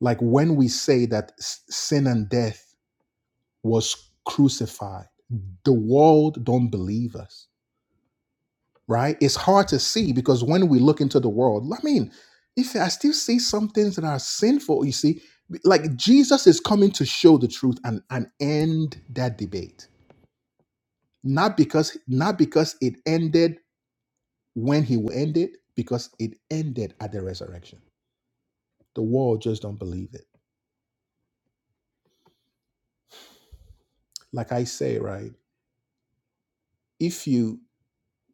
Speaker 1: Like when we say that s- sin and death was crucified, the world don't believe us, right? It's hard to see because when we look into the world, I mean, if I still see some things that are sinful, you see, like Jesus is coming to show the truth and, and end that debate. Not because not because it ended when he ended, because it ended at the resurrection. The world just don't believe it like I say, right? if you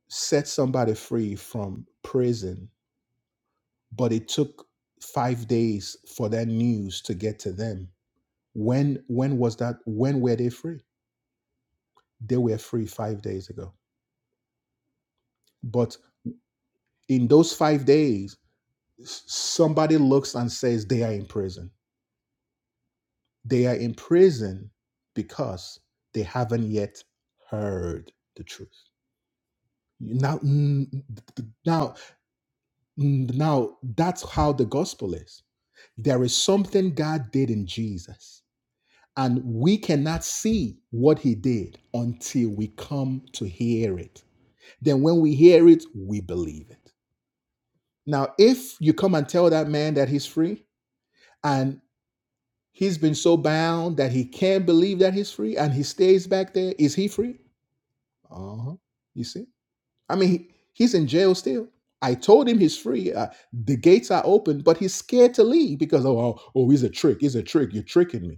Speaker 1: set somebody free from prison, but it took five days for that news to get to them, when when was that? When were they free? They were free five days ago. But in those five days, s- somebody looks and says they are in prison. They are in prison because they haven't yet heard the truth. Now, mm, now, mm, now, that's how the gospel is There is something God did in Jesus, and we cannot see what He did until we come to hear it. Then, when we hear it, we believe it. Now, if you come and tell that man that he's free and he's been so bound that he can't believe that he's free and he stays back there, is he free? Uh huh. You see? I mean, he, he's in jail still. I told him he's free. Uh, the gates are open, but he's scared to leave because, oh, oh, oh, he's a trick. He's a trick. You're tricking me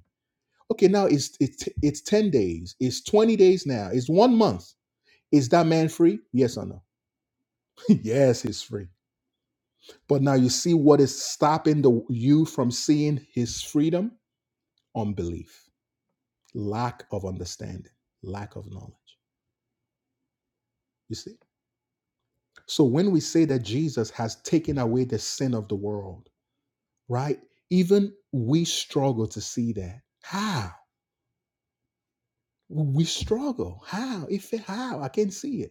Speaker 1: Okay, now it's it's it's 10 days, it's 20 days now, it's one month. Is that man free? Yes or no? yes, he's free. But now you see what is stopping the you from seeing his freedom? Unbelief, lack of understanding, lack of knowledge. You see? So when we say that Jesus has taken away the sin of the world, right? Even we struggle to see that. How? We struggle. How? If how? I can't see it.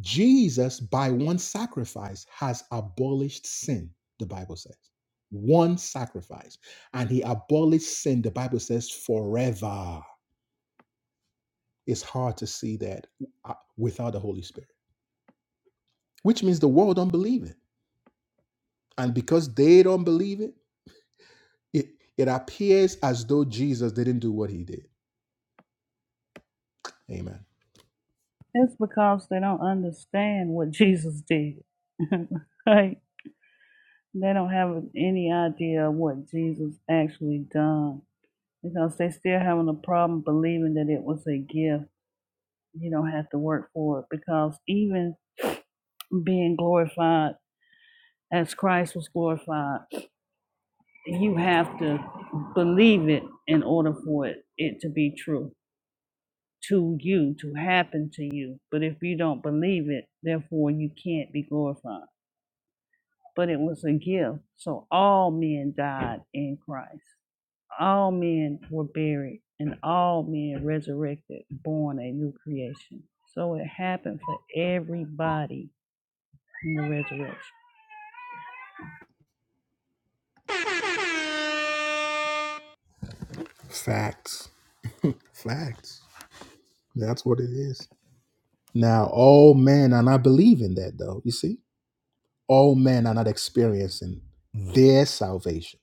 Speaker 1: Jesus, by one sacrifice, has abolished sin, the Bible says. One sacrifice. And he abolished sin, the Bible says, forever. It's hard to see that uh, without the Holy Spirit, which means the world don't believe it. And because they don't believe it, it, it appears as though Jesus didn't do what he did Amen.
Speaker 2: It's because they don't understand what Jesus did. like they don't have any idea of what Jesus actually done because they still having a problem believing that it was a gift. You don't have to work for it because even being glorified as Christ was glorified. You have to believe it in order for it, it to be true to you, to happen to you. But if you don't believe it, therefore you can't be glorified. But it was a gift. So all men died in Christ. All men were buried and all men resurrected, born a new creation. So it happened for everybody in the resurrection.
Speaker 1: Facts. Facts. That's what it is. Now, all men are not believing that, though. You see, all men are not experiencing their salvation.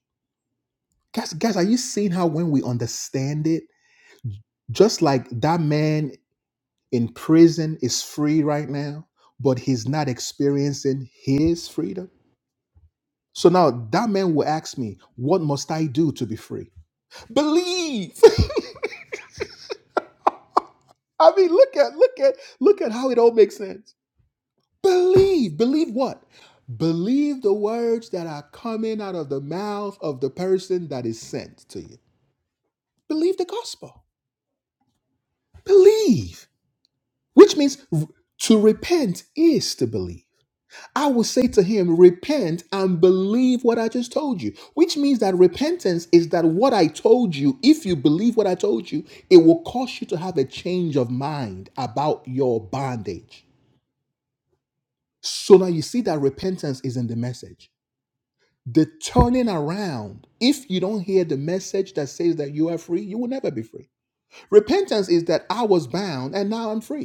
Speaker 1: Guys, guys, are you seeing how when we understand it, just like that man in prison is free right now, but he's not experiencing his freedom. So now that man will ask me, what must I do to be free? Believe. I mean, look at look at look at how it all makes sense. Believe. Believe what? Believe the words that are coming out of the mouth of the person that is sent to you. Believe the gospel. Believe. Which means r- to repent is to believe. I will say to him, Repent and believe what I just told you. Which means that repentance is that what I told you, if you believe what I told you, it will cause you to have a change of mind about your bondage. So now you see that repentance is in the message. The turning around, if you don't hear the message that says that you are free, you will never be free. Repentance is that I was bound and now I'm free.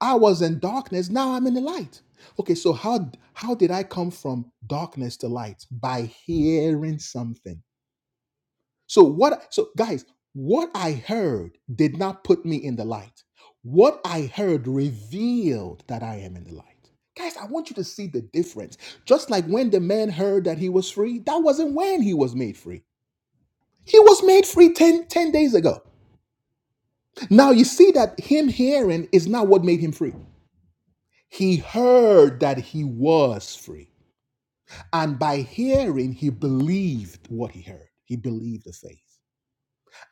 Speaker 1: I was in darkness, now I'm in the light. Okay, so how how did I come from darkness to light? By hearing something. So what so guys, what I heard did not put me in the light. What I heard revealed that I am in the light. Guys, I want you to see the difference. Just like when the man heard that he was free, that wasn't when he was made free. He was made free 10 10 days ago. Now you see that him hearing is not what made him free. He heard that he was free. And by hearing, he believed what he heard. He believed the faith.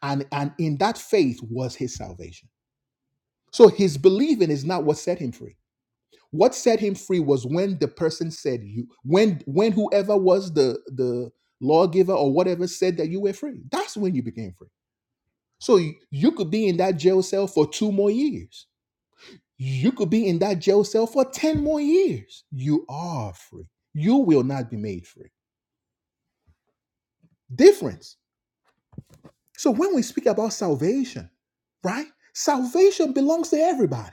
Speaker 1: And, and in that faith was his salvation. So his believing is not what set him free. What set him free was when the person said you, when when whoever was the the lawgiver or whatever said that you were free. That's when you became free. So you, you could be in that jail cell for two more years You could be in that jail cell for 10 more years. You are free. You will not be made free. Difference. So when we speak about salvation, right? Salvation belongs to everybody.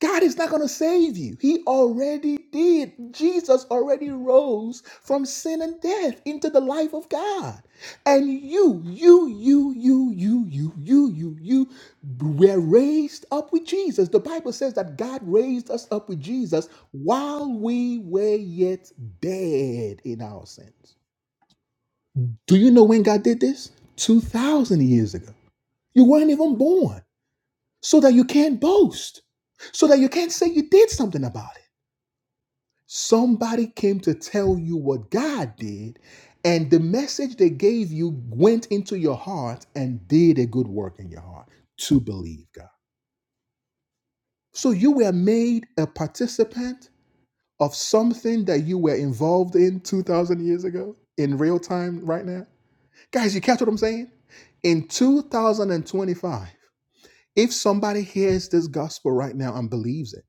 Speaker 1: God is not going to save you. He already did. Jesus already rose from sin and death into the life of God. And you, you, you, you, you, you, you, you, you were raised up with Jesus. The Bible says that God raised us up with Jesus while we were yet dead in our sins. Do you know when God did this? 2,000 years ago. You weren't even born, so that you can't boast, so that you can't say you did something about it. Somebody came to tell you what God did, and the message they gave you went into your heart and did a good work in your heart to believe God. So you were made a participant of something that you were involved in 2,000 years ago in real time right now. Guys, you catch what I'm saying? In 2025, if somebody hears this gospel right now and believes it,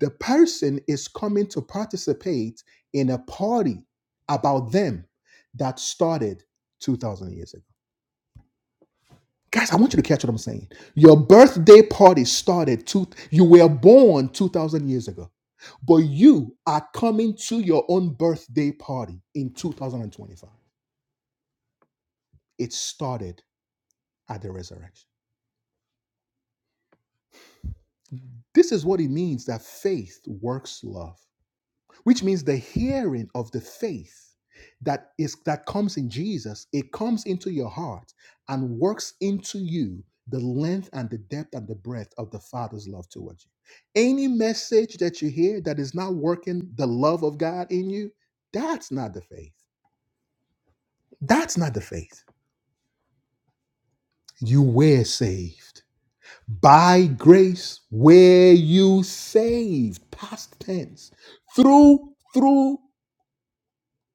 Speaker 1: The person is coming to participate in a party about them that started 2,000 years ago. Guys, I want you to catch what I'm saying. Your birthday party started, two, you were born 2,000 years ago, but you are coming to your own birthday party in 2025. It started at the resurrection. This is what it means that faith works love. which means the hearing of the faith that is that comes in Jesus it comes into your heart and works into you the length and the depth and the breadth of the father's love towards you any message that you hear that is not working the love of God in you that's not the faith that's not the faith you were saved by grace were you saved past tense through through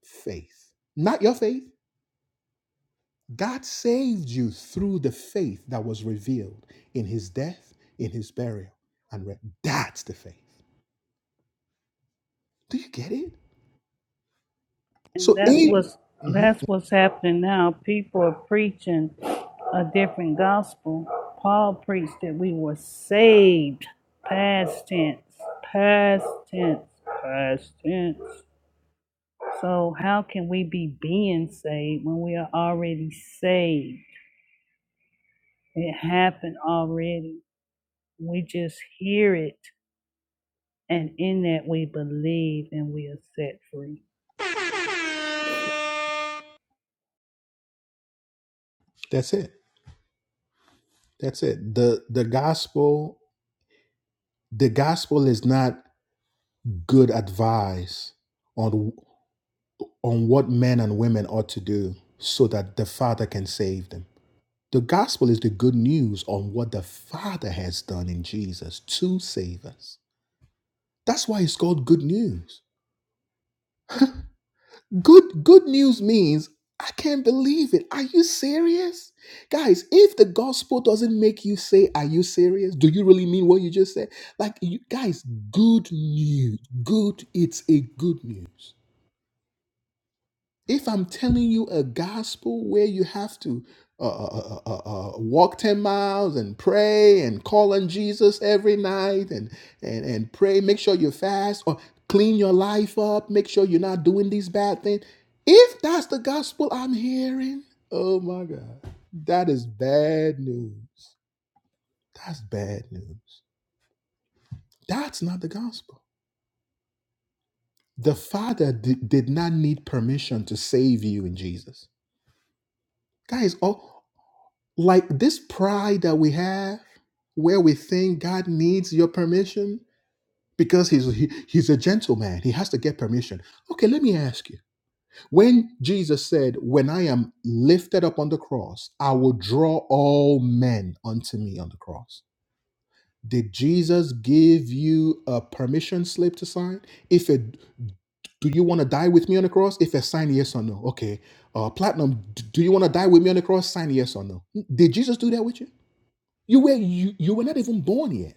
Speaker 1: faith not your faith God saved you through the faith that was revealed in his death, in his burial, and re- that's the faith. Do you get it?
Speaker 2: And
Speaker 1: So
Speaker 2: that's
Speaker 1: Amen.
Speaker 2: what's
Speaker 1: Mhm.
Speaker 2: that's what's happening now. People are preaching a different gospel. Paul preached that we were saved. Past tense. Past tense. Past tense. So how can we be being saved when we are already saved? It happened already. We just hear it and in that we believe and we are set free.
Speaker 1: that's it. That's it. The the gospel the gospel is not good advice on on what men and women ought to do so that the Father can save them. The gospel is the good news on what the Father has done in Jesus to save us. That's why it's called good news. Good good news means I can't believe it. Are you serious? Guys, if the gospel doesn't make you say, Are you serious? Do you really mean what you just said? Like you guys, good news. Good, it's a good news. If I'm telling you a gospel where you have to uh, uh, uh, uh, uh, uh, walk 10 miles and pray and call on Jesus every night and, and, and pray, make sure you fast or clean your life up, make sure you're not doing these bad things. If that's the gospel I'm hearing, oh my God, that is bad news. That's bad news. That's not the gospel. The Father did, did not need permission to save you in Jesus. Guys, all. Like this pride that we have, where we think God needs your permission because he's he, he's a gentleman, he has to get permission. Okay, let me ask you. When Jesus said, "When I am lifted up on the cross, I will draw all men unto me on the cross." Did Jesus give you a permission slip to sign? If it do you want to die with me on the cross? If a sign yes or no. Okay. Uh, platinum, d- do you want to die with me on the cross? Sign yes or no. Did Jesus do that with you? You were you, you were not even born yet.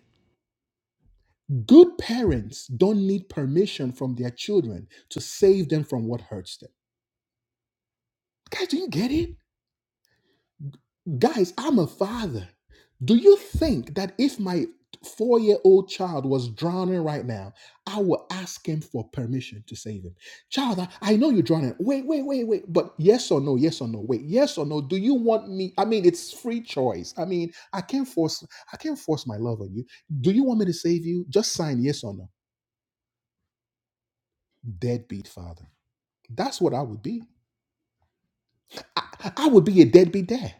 Speaker 1: Good parents don't need permission from their children to save them from what hurts them. Guys, do you get it? Guys, I'm a father. Do you think that if my four year old child was drowning right now, I would ask him for permission to save him? Child, I, I know you're drowning. Wait, wait, wait, wait. But yes or no, yes or no, wait, yes or no. Do you want me? I mean, it's free choice. I mean, I can't force I can't force my love on you. Do you want me to save you? Just sign yes or no. Deadbeat father. That's what I would be. I, I would be a deadbeat dad.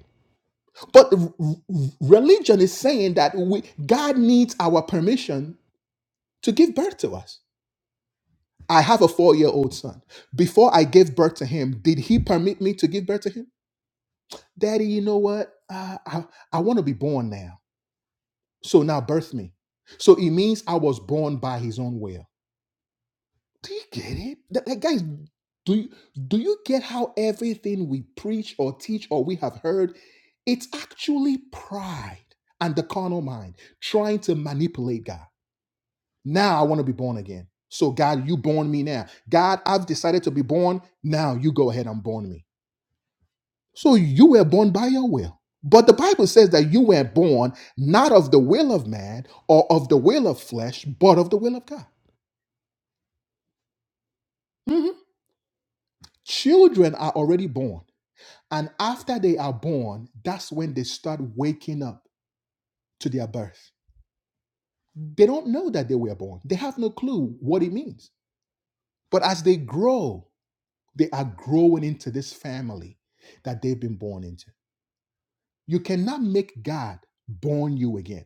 Speaker 1: But r- religion is saying that we, God needs our permission to give birth to us. I have a four year old son. Before I gave birth to him, did he permit me to give birth to him? Daddy, you know what? Uh, I, I want to be born now. So now birth me. So it means I was born by his own will. Do you get it? Th- like, guys, do you, do you get how everything we preach or teach or we have heard, it's actually pride and the carnal mind trying to manipulate God. Now I want to be born again. So God, you born me now. God, I've decided to be born. Now you go ahead and born me. So you were born by your will. But the Bible says that you were born not of the will of man or of the will of flesh, but of the will of God. Mhm. Children are already born. And after they are born, that's when they start waking up to their birth. They don't know that they were born, they have no clue what it means. But as they grow, they are growing into this family that they've been born into. You cannot make God born you again.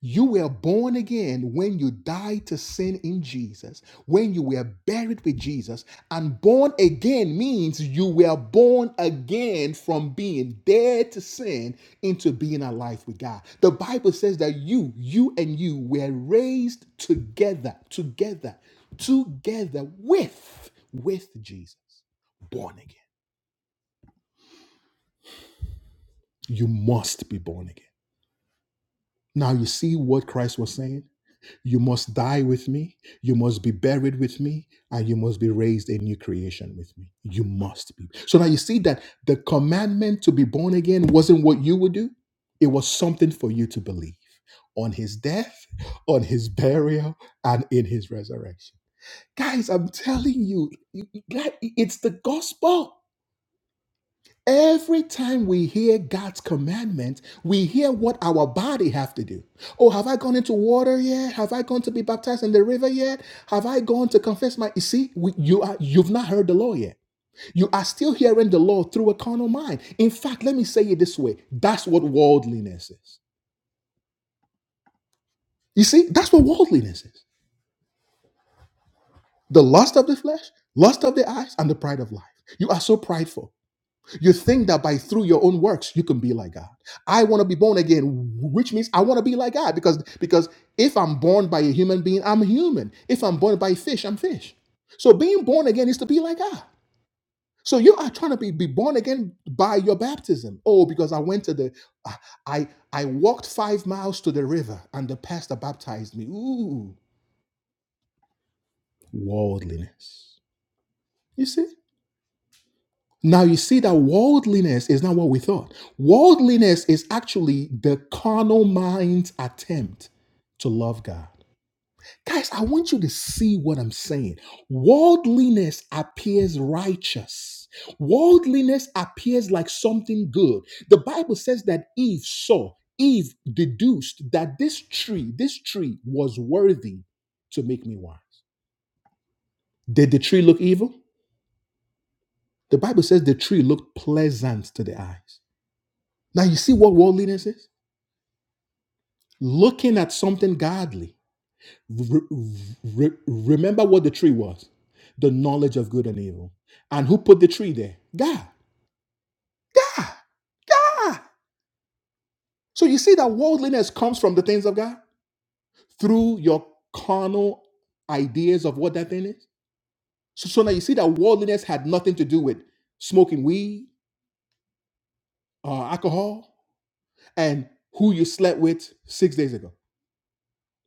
Speaker 1: You were born again when you died to sin in Jesus, when you were buried with Jesus. And born again means you were born again from being dead to sin into being alive with God. The Bible says that you, you and you were raised together, together, together with, with Jesus. Born again. You must be born again. Now you see what Christ was saying? You must die with me, you must be buried with me, and you must be raised a new creation with me. You must be. So now you see that the commandment to be born again wasn't what you would do, it was something for you to believe on his death, on his burial, and in his resurrection. Guys, I'm telling you, you- you- like, it's the gospel. Every time we hear God's commandment, we hear what our body have to do. Oh, have I gone into water yet? Have I gone to be baptized in the river yet? Have I gone to confess my? You see, we, you are you've not heard the law yet. You are still hearing the law through a carnal mind. In fact, let me say it this way: that's what worldliness is. You see, that's what worldliness is: the lust of the flesh, lust of the eyes, and the pride of life. You are so prideful. You think that by through your own works you can be like God. I want to be born again, which means I want to be like God because because if I'm born by a human being, I'm human. If I'm born by a fish, I'm fish. So being born again is to be like God. So you are trying to be, be born again by your baptism. Oh, because I went to the I I walked five miles to the river and the pastor baptized me. Ooh, worldliness. You see? Now you see that worldliness is not what we thought. Worldliness is actually the carnal mind's attempt to love God. Guys, I want you to see what I'm saying. Worldliness appears righteous. Worldliness appears like something good. The Bible says that Eve saw, Eve deduced that this tree, this tree was worthy to make me wise. Did the tree look evil? The Bible says the tree looked pleasant to the eyes. Now you see what worldliness is? Looking at something godly. Re- re- remember what the tree was? The knowledge of good and evil. And who put the tree there? God. God. God. So you see that worldliness comes from the things of God through your carnal ideas of what that thing is. So, so now you see that worldliness had nothing to do with smoking weed or alcohol and who you slept with six days ago.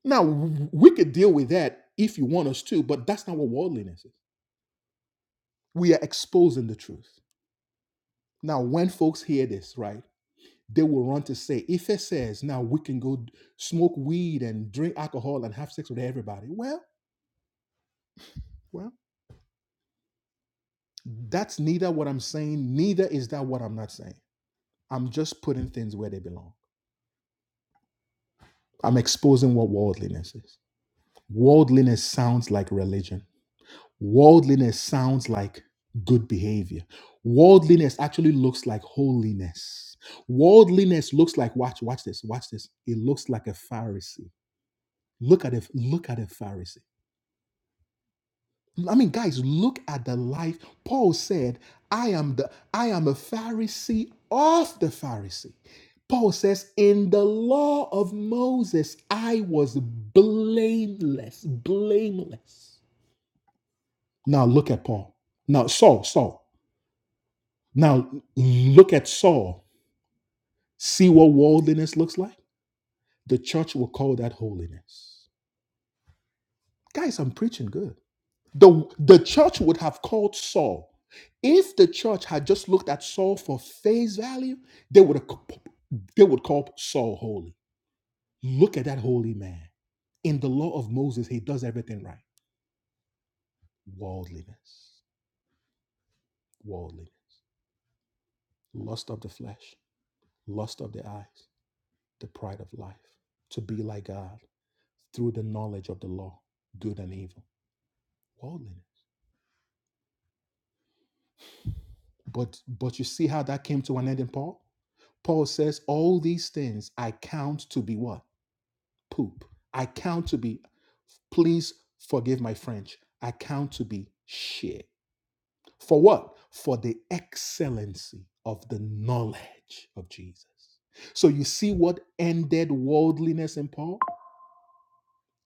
Speaker 1: Now, w- we could deal with that if you want us to, but that's not what worldliness is. We are exposing the truth. Now, when folks hear this, right, they will run to say, if it says now we can go d- smoke weed and drink alcohol and have sex with everybody, well, well, that's neither what I'm saying, neither is that what I'm not saying. I'm just putting things where they belong. I'm exposing what worldliness is. Worldliness sounds like religion Worldliness sounds like good behavior. Worldliness actually looks like holiness. Worldliness looks like watch, watch this, watch this. It looks like a Pharisee. Look at it, look at a Pharisee. I mean, guys, look at the life. Paul said, I am the I am a Pharisee of the Pharisee. Paul says, in the law of Moses, I was blameless, blameless. Now look at Paul. Now, Saul, Saul. Now, look at Saul. See what worldliness looks like? The church will call that holiness. Guys, I'm preaching good. The, the church would have called Saul. If the church had just looked at Saul for face value, they would have, they would call Saul holy. Look at that holy man. In the law of Moses, he does everything right. Worldliness, worldliness, lust of the flesh, lust of the eyes, the pride of life, to be like God. through the knowledge of the law, good and evil, worldliness. But but you see how that came to an end in Paul? Paul says, All these things I count to be what? Poop. I count to be, please forgive my French. I count to be shit. For what? For the excellency of the knowledge of Jesus. So you see what ended worldliness in Paul?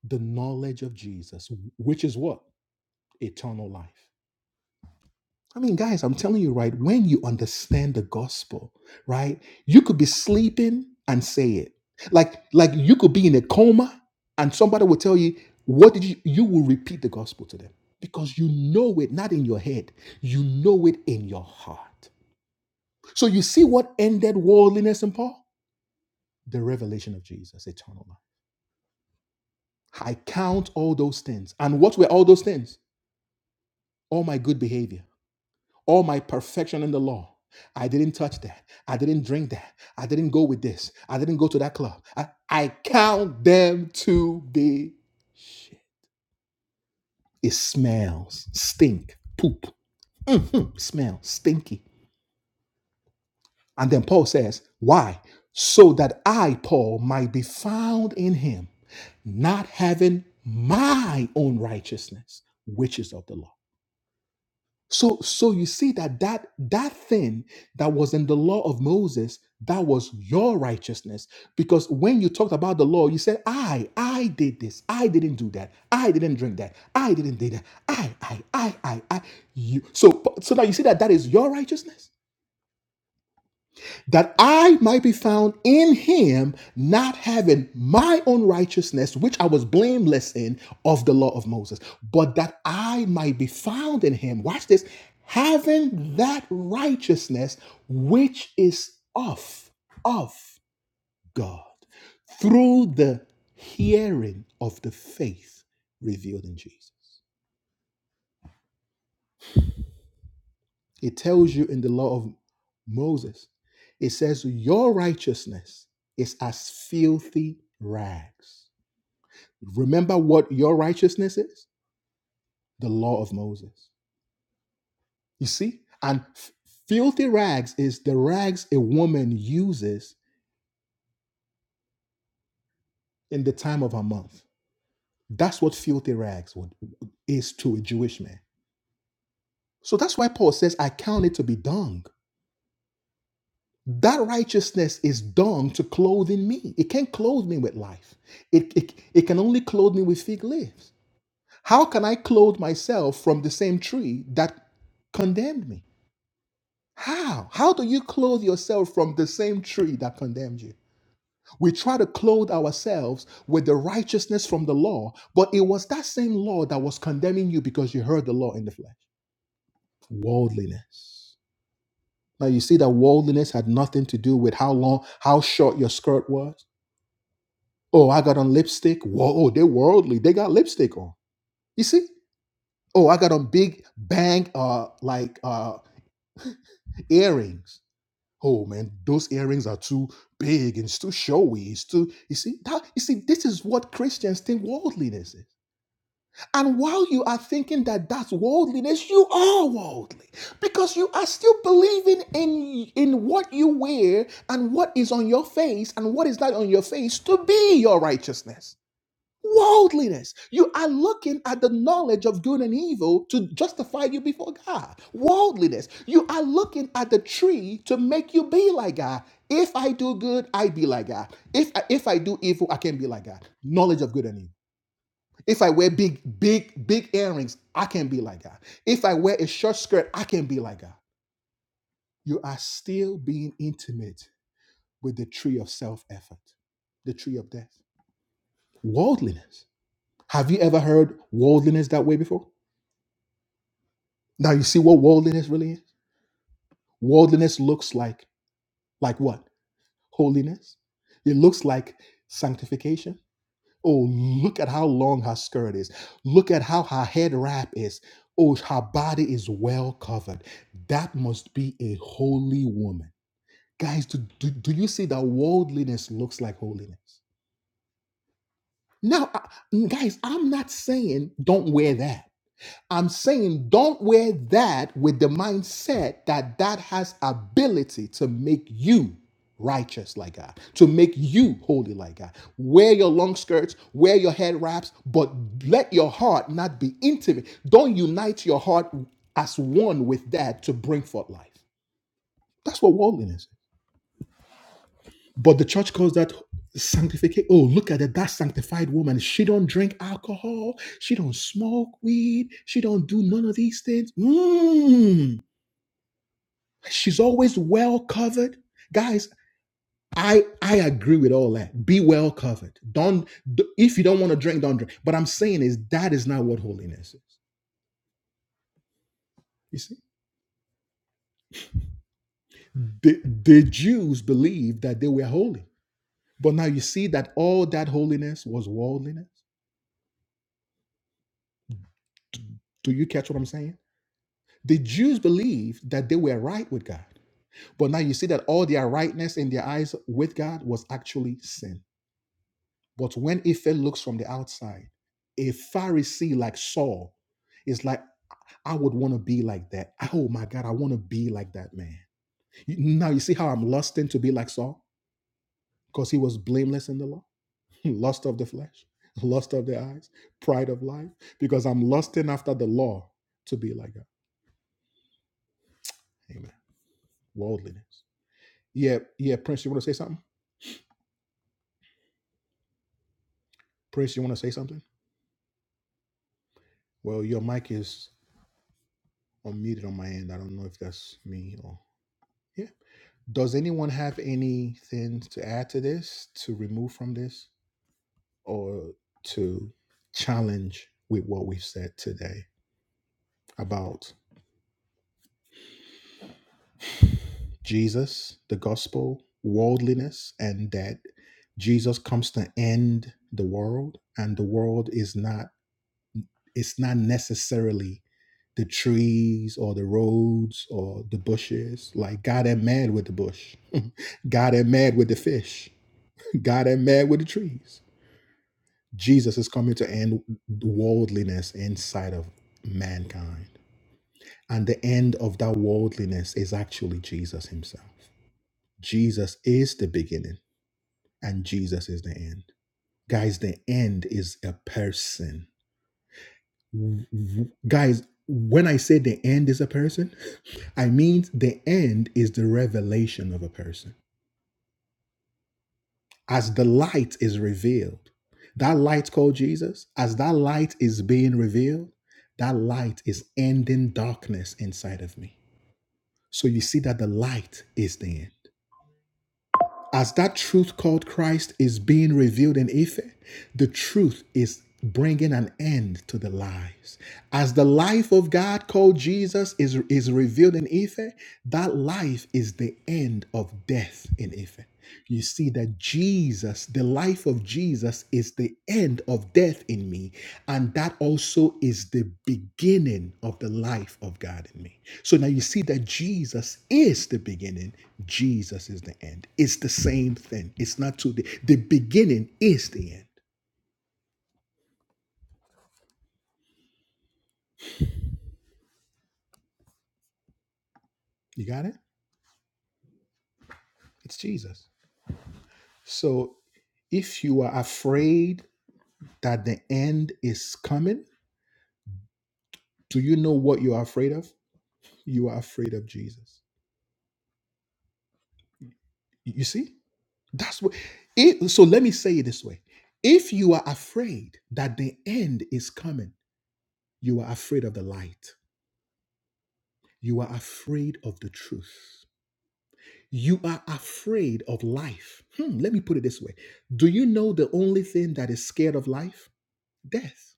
Speaker 1: The knowledge of Jesus, which is what? Eternal life. I mean, guys, I'm telling you, right, when you understand the gospel, right, you could be sleeping and say it. Like, like you could be in a coma and somebody will tell you, what did you you will repeat the gospel to them because you know it not in your head, you know it in your heart. So you see what ended worldliness in Paul? The revelation of Jesus, eternal life. I count all those things. And what were all those things? All my good behavior all my perfection in the law. I didn't touch that. I didn't drink that. I didn't go with this. I didn't go to that club. I, I count them to be shit. It smells, stink, poop, Mhm, smell, stinky. And then Paul says, Why? So that I, Paul, might be found in him, not having my own righteousness, which is of the law So so you see that that that thing that was in the law of Moses that was your righteousness because when you talked about the law you said I I did this I didn't do that I didn't drink that I didn't do that I I I I I you so so now you see that that is your righteousness that I might be found in him, not having my own righteousness, which I was blameless in of the law of Moses, but that I might be found in him. Watch this having that righteousness which is of, of God through the hearing of the faith revealed in Jesus. It tells you in the law of Moses, it says, Your righteousness is as filthy rags. Remember what your righteousness is? The law of Moses. You see? And f- filthy rags is the rags a woman uses in the time of her month. That's what filthy rags would, is to a Jewish man. So that's why Paul says, I count it to be dung. That righteousness is done to clothe in me. It can't clothe me with life. It, it, it can only clothe me with fig leaves. How can I clothe myself from the same tree that condemned me? How? How do you clothe yourself from the same tree that condemned you? We try to clothe ourselves with the righteousness from the law, but it was that same law that was condemning you because you heard the law in the flesh. Worldliness. Now you see that worldliness had nothing to do with how long, how short your skirt was. Oh, I got on lipstick. Whoa, oh, they're worldly. They got lipstick on. You see? Oh, I got on big bang uh like uh earrings. Oh man, those earrings are too big and it's too showy. It's too you see that you see this is what Christians think worldliness is. And while you are thinking that that's worldliness, you are worldly because you are still believing in in what you wear and what is on your face and what is not on your face to be your righteousness. Worldliness. You are looking at the knowledge of good and evil to justify you before God. Worldliness. You are looking at the tree to make you be like God. If I do good, I be like God. If I, if I do evil, I can be like God. Knowledge of good and evil. If I wear big, big, big earrings, I can be like God. If I wear a short skirt, I can be like God. You are still being intimate with the tree of self effort, the tree of death. Worldliness Have you ever heard worldliness that way before? Now you see what worldliness really is? Worldliness looks like like what? Holiness. It looks like sanctification. Oh, look at how long her skirt is. Look at how her head wrap is. Oh, her body is well covered. That must be a holy woman. Guys, do, do, do you see that worldliness looks like holiness? Now, I- guys, I'm not saying don't wear that. I'm saying don't wear that with the mindset that that has ability to make you righteous like God, to make you holy like God. Wear your long skirts, wear your head wraps, but let your heart not be intimate. Don't unite your heart as one with that to bring forth life. That's what worldliness is. But the church calls that sanctification. Oh, look at it, that sanctified woman. She don't drink alcohol. She don't smoke weed. She don't do none of these things. Mm. She's always well covered. Guys, I I agree with all that. Be well covered. Don't d- if you don't want to drink, don't drink. But I'm saying is that is not what holiness is. You see, the, the Jews believed that they were holy, but now you see that all that holiness was worldliness. Do you catch what I'm saying? The Jews believed that they were right with God. But now you see that all their rightness in their eyes with God was actually sin. But when Ife looks from the outside, a Pharisee like Saul is like, I would want to be like that. Oh my God, I want to be like that man. You- Now you see how I'm lusting to be like Saul? Because he was blameless in the law. Lust of the flesh, lust of the eyes, pride of life. Because I'm lusting after the law to be like God. Amen. Worldliness. Yeah, yeah, Prince, you want to say something? Prince, you want to say something? Well, your mic is unmuted on my end. I don't know if that's me or yeah. Does anyone have anything to add to this, to remove from this, or to challenge with what we've said today about Jesus, the gospel, worldliness, and that Jesus comes to end the world, and the world is not it's not necessarily the trees or the roads or the bushes. Like God ain't mad with the bush. God ain't mad with the fish. God ain't mad with the trees. Jesus is coming to end worldliness inside of mankind. And the end of that worldliness is actually Jesus himself. Jesus is the beginning and Jesus is the end. Guys, the end is a person Guys, when I say the end is a person, I mean the end is the revelation of a person. As the light is revealed, that light called Jesus, as that light is being revealed, that light is ending darkness inside of me. So you see that the light is the end. as that truth called Christ is being revealed in Ife, the truth is bringing an end to the lies. As the life of God called Jesus is, is revealed in Ife, that life is the end of death in Ife. You see that Jesus the life of Jesus is the end of death in me, and that also is the beginning of the life of God in me. So now you see that Jesus is the beginning, Jesus is the end. It's the same thing. It's not two. The, the beginning is the end. You got it? It's Jesus. So if you are afraid that the end is coming, do you know what you are afraid of? You are afraid of Jesus. You see? That's what it so let me say it this way. If you are afraid that the end is coming, you are afraid of the light. You are afraid of the truth. You are afraid of life. Hmm, let me put it this way. Do you know the only thing that is scared of life? Death.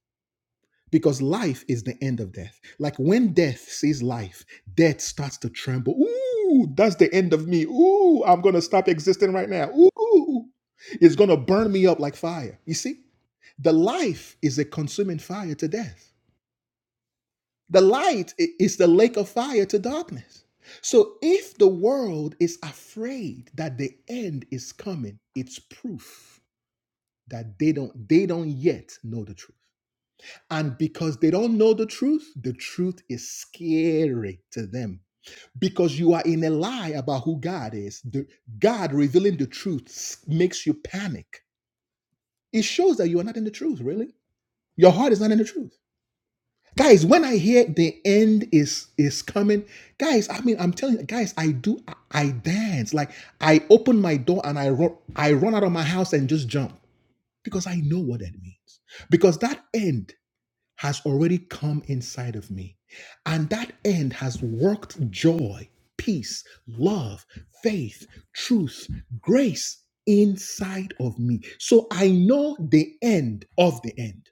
Speaker 1: Because life is the end of death. Like when death sees life, death starts to tremble. Ooh, that's the end of me. Ooh, I'm going to stop existing right now. Ooh, it's going to burn me up like fire. You see? The life is a consuming fire to death. The light is the lake of fire to darkness. So if the world is afraid that the end is coming, it's proof that they don't they don't yet know the truth. And because they don't know the truth, the truth is scary to them. Because you are in a lie about who God is. The, God revealing the truth makes you panic. It shows that you are not in the truth, really. Your heart is not in the truth. guys when i hear the end is is coming guys i mean i'm telling you guys i do i, I dance like i open my door and i run i run out of my house and just jump because i know what that means because that end has already come inside of me and that end has worked joy peace love faith truth grace inside of me so i know the end of the end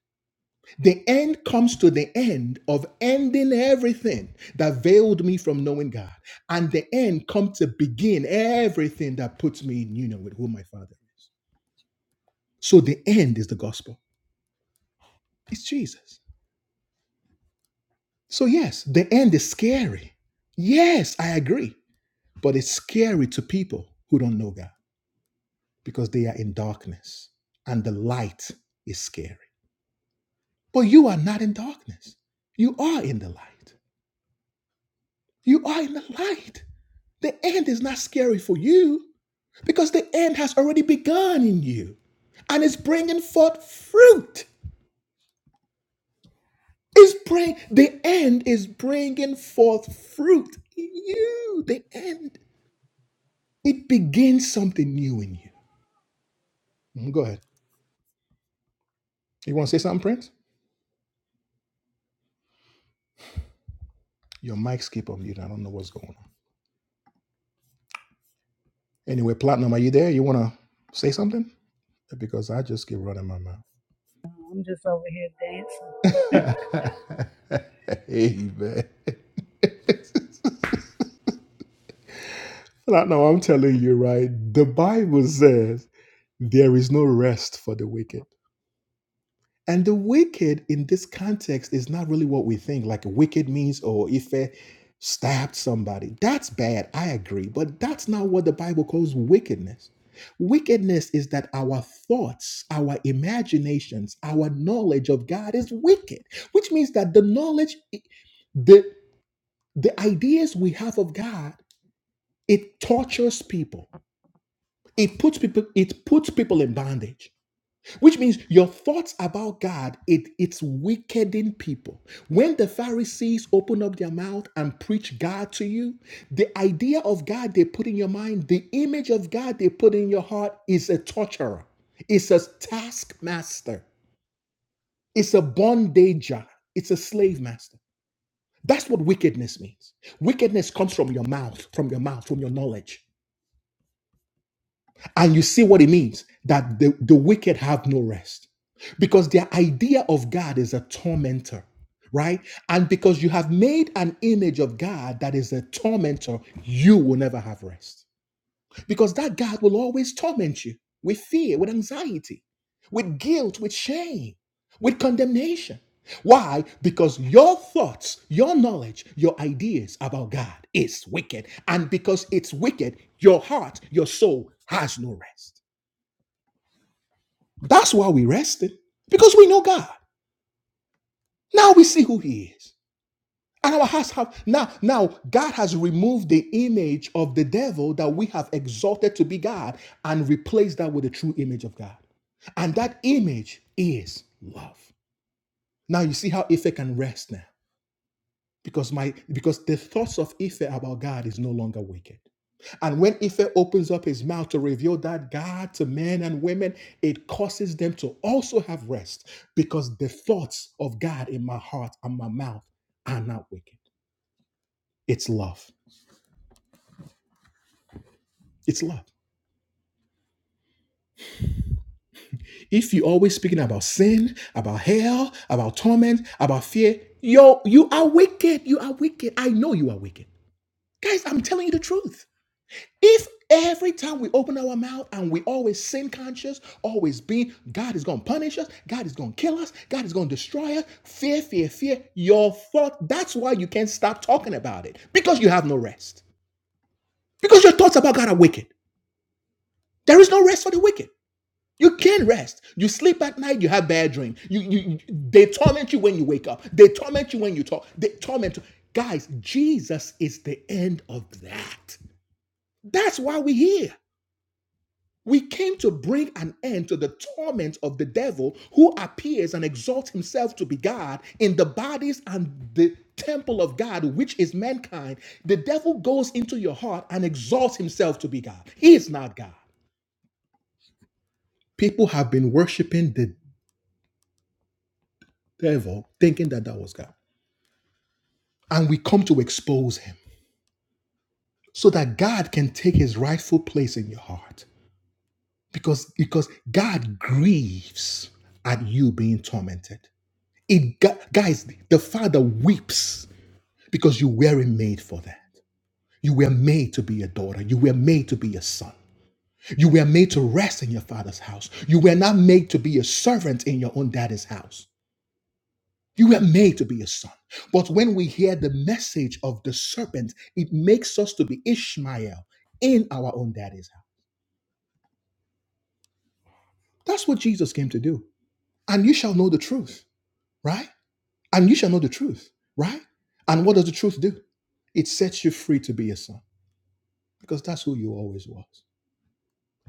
Speaker 1: the end comes to the end of ending everything that veiled me from knowing God. And the end comes to begin everything that puts me in union with who my Father is. So the end is the gospel. It's Jesus. So, yes, the end is scary. Yes, I agree. But it's scary to people who don't know God because they are in darkness and the light is scary. But you are not in darkness, you are in the light. You are in the light. The end is not scary for you because the end has already begun in you and it's bringing forth fruit. It's bring, the end is bringing forth fruit in you. The end. It begins something new in you. Mm, Go ahead. You want to say something, Prince? Your mic skip on mute. I don't know what's going on. Anyway, Platinum, are you there? You want to say something? Because I just keep running my
Speaker 2: I'm just over here dancing.
Speaker 1: mouth. Amen. No, no, I'm telling you, right? The Bible says there is no rest for the wicked. And the wicked in this context is not really what we think. Like wicked means, oh, if I stabbed somebody, that's bad. I agree. But that's not what the Bible calls wickedness. Wickedness is that our thoughts, our imaginations, our knowledge of God is wicked, which means that the knowledge, the, the ideas we have of God, it tortures people It puts people it puts people in bondage, which means your thoughts about God it it's wickeding people. When the Pharisees open up their mouth and preach God to you, the idea of God they put in your mind, the image of God they put in your heart is a torturer, it's a taskmaster, it's a bondager, it's a slave master. That's what wickedness means. Wickedness comes from your mouth, from your mouth, from your knowledge. And you see what it means that the, the wicked have no rest because their idea of God is a tormentor, right? And because you have made an image of God that is a tormentor, you will never have rest. Because that God will always torment you with fear, with anxiety, with guilt, with shame, with condemnation. Why? Because your thoughts, your knowledge, your ideas about God is wicked. And because it's wicked, your heart, your soul has no rest. That's why we rested, because we know God. Now we see who He is. Our hearts have now, now God has removed the image of the devil that we have exalted to be God and replaced that with the true image of God. And that image is love. Now you see how Ife can rest now. Because my because the thoughts of Ife about God is no longer wicked. And when Ife opens up his mouth to reveal that God to men and women, it causes them to also have rest because the thoughts of God in my heart and my mouth are not wicked. It's love. It's love. If you're always speaking about sin, about hell, about torment, about fear, yo, you are wicked. You are wicked. I know you are wicked. Guys, I'm telling you the truth. If every time we open our mouth and we always sin conscious, always being, God is going to punish us, God is going to kill us, God is going to destroy us, fear, fear, fear, your thought, that's why you can't stop talking about it because you have no rest. Because your thoughts about God are wicked. There is no rest for the wicked. You can't rest. You sleep at night, you have bad dreams. You, you you- they torment you when you wake up. They torment you when you talk. They torment you. Guys, Jesus is the end of that. That's why we're here. We came to bring an end to the torment of the devil who appears and exalts himself to be God in the bodies and the temple of God, which is mankind. The devil goes into your heart and exalts himself to be God. He is not God. People have been worshiping the Therefore, thinking that that was God. And we come to expose him so that God can take his rightful place in your heart. Because, because God grieves at you being tormented. It, guys, the father weeps because you weren't made for that. You were made to be a daughter. You were made to be a son. You were made to rest in your father's house. You were not made to be a servant in your own daddy's house. You were made to be a son. But when we hear the message of the serpent, it makes us to be Ishmael in our own daddy's house. That's what Jesus came to do. And you shall know the truth, right? And you shall know the truth, right? And what does the truth do? It sets you free to be a son because that's who you always was.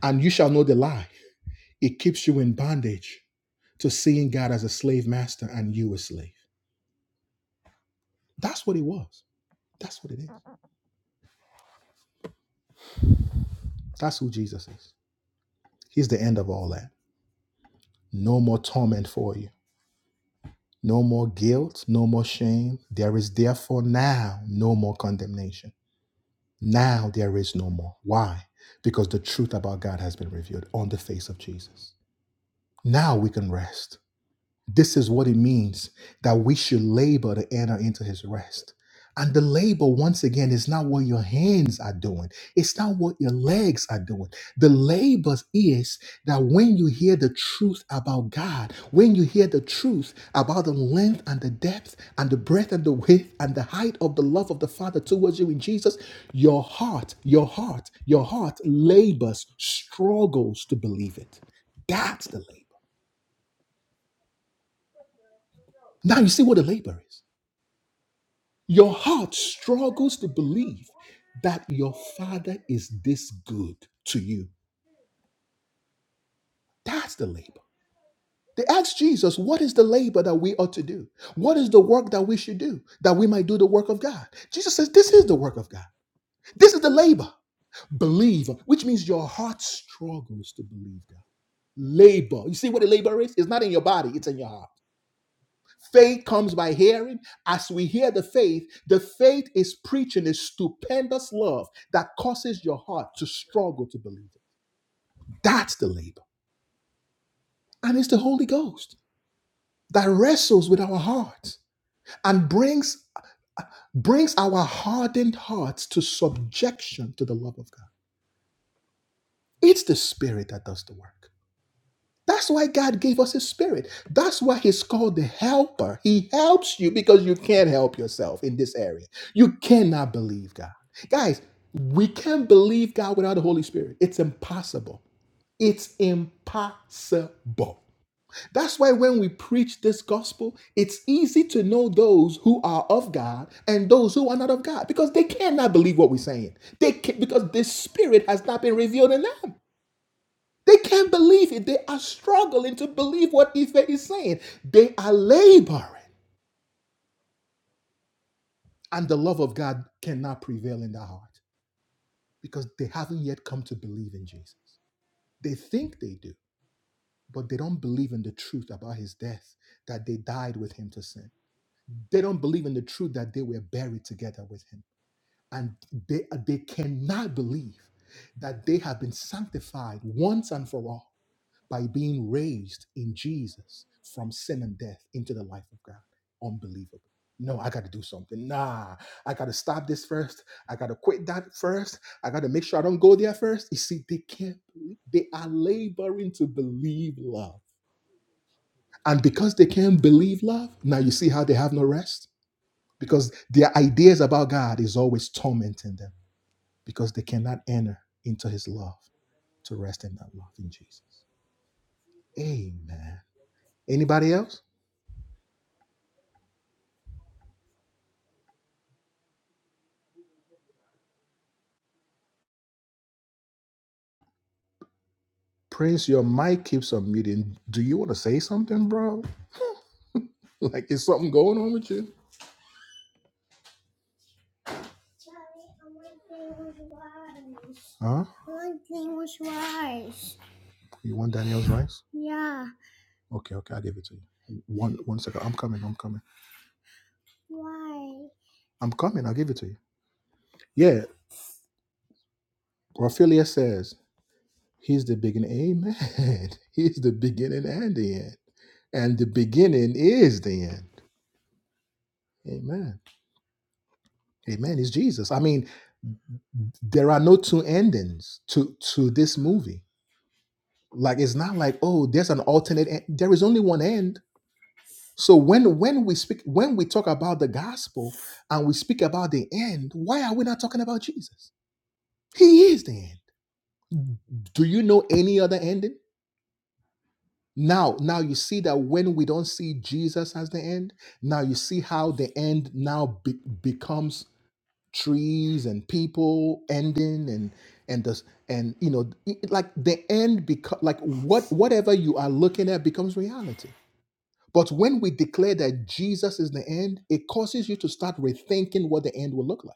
Speaker 1: And you shall know the lie. It keeps you in bondage to seeing God as a slave master and you a slave. That's what he was. That's what it is. That's who Jesus is. He's the end of all that. No more torment for you. No more guilt, no more shame. There is therefore now no more condemnation. Now there is no more. Why? Because the truth about God has been revealed on the face of Jesus. Now we can rest. This is what it means that we should labor to enter into his rest. And the labor, once again, is not what your hands are doing. It's not what your legs are doing. The labor is that when you hear the truth about God, when you hear the truth about the length and the depth and the breadth and the width and the height of the love of the Father towards you in Jesus, your heart, your heart, your heart labors, struggles to believe it. That's the labor. Now you see what the labor is. Your heart struggles to believe that your father is this good to you. That's the labor. They asked Jesus, What is the labor that we ought to do? What is the work that we should do that we might do the work of God? Jesus says, This is the work of God. This is the labor. Believe, which means your heart struggles to believe God. Labor. You see what a labor is? It's not in your body, it's in your heart. Faith comes by hearing. As we hear the faith, the faith is preaching a stupendous love that causes your heart to struggle to believe it. That's the labor. And it's the Holy Ghost that wrestles with our hearts and brings, brings our hardened hearts to subjection to the love of God. It's the Spirit that does the work. That's why God gave us His Spirit. That's why He's called the Helper. He helps you because you can't help yourself in this area. You cannot believe God. Guys, we can't believe God without the Holy Spirit. It's impossible. It's impossible. That's why when we preach this gospel, it's easy to know those who are of God and those who are not of God because they cannot believe what we're saying. They can, because this spirit has not been revealed in them. They can't believe it. They are struggling to believe what Ife is saying. They are laboring. And the love of God cannot prevail in their heart because they haven't yet come to believe in Jesus. They think they do, but they don't believe in the truth about his death, that they died with him to sin. They don't believe in the truth that they were buried together with him. And they, they cannot believe that they have been sanctified once and for all by being raised in Jesus from sin and death into the life of God. Unbelievable. No, I got to do something. Nah, I got to stop this first. I got to quit that first. I got to make sure I don't go there first. You see, they can't, they are laboring to believe love. And because they can't believe love, now you see how they have no rest? Because their ideas about God is always tormenting them because they cannot enter into his love to rest in that love in Jesus. Amen. Anybody else? Prince, your mic keeps on muting. Do you want to say something, bro? Like, is something going on with you? Huh? You want Daniel's rice? Okay, okay, I'll give it to you. One, one second. I'm coming. I'm coming. I'm coming. I'll give it to you. Yeah. Raphelia says he's the beginning. Amen. He's the beginning and the end, and the beginning is the end. Amen. Amen. Is Jesus. I mean, there are no two endings to to this movie. Like, it's not like oh, there's an alternate. End. There is only one end So when when we speak when we talk about the gospel and we speak about the end, why are we not talking about Jesus? He is the end. Do you know any other ending? Now, now you see that when we don't see Jesus as the end, now you see how the end now be- becomes trees and people ending and and this and you know it- like the end because like what whatever you are looking at becomes reality But when we declare that Jesus is the end, it causes you to start rethinking what the end will look like.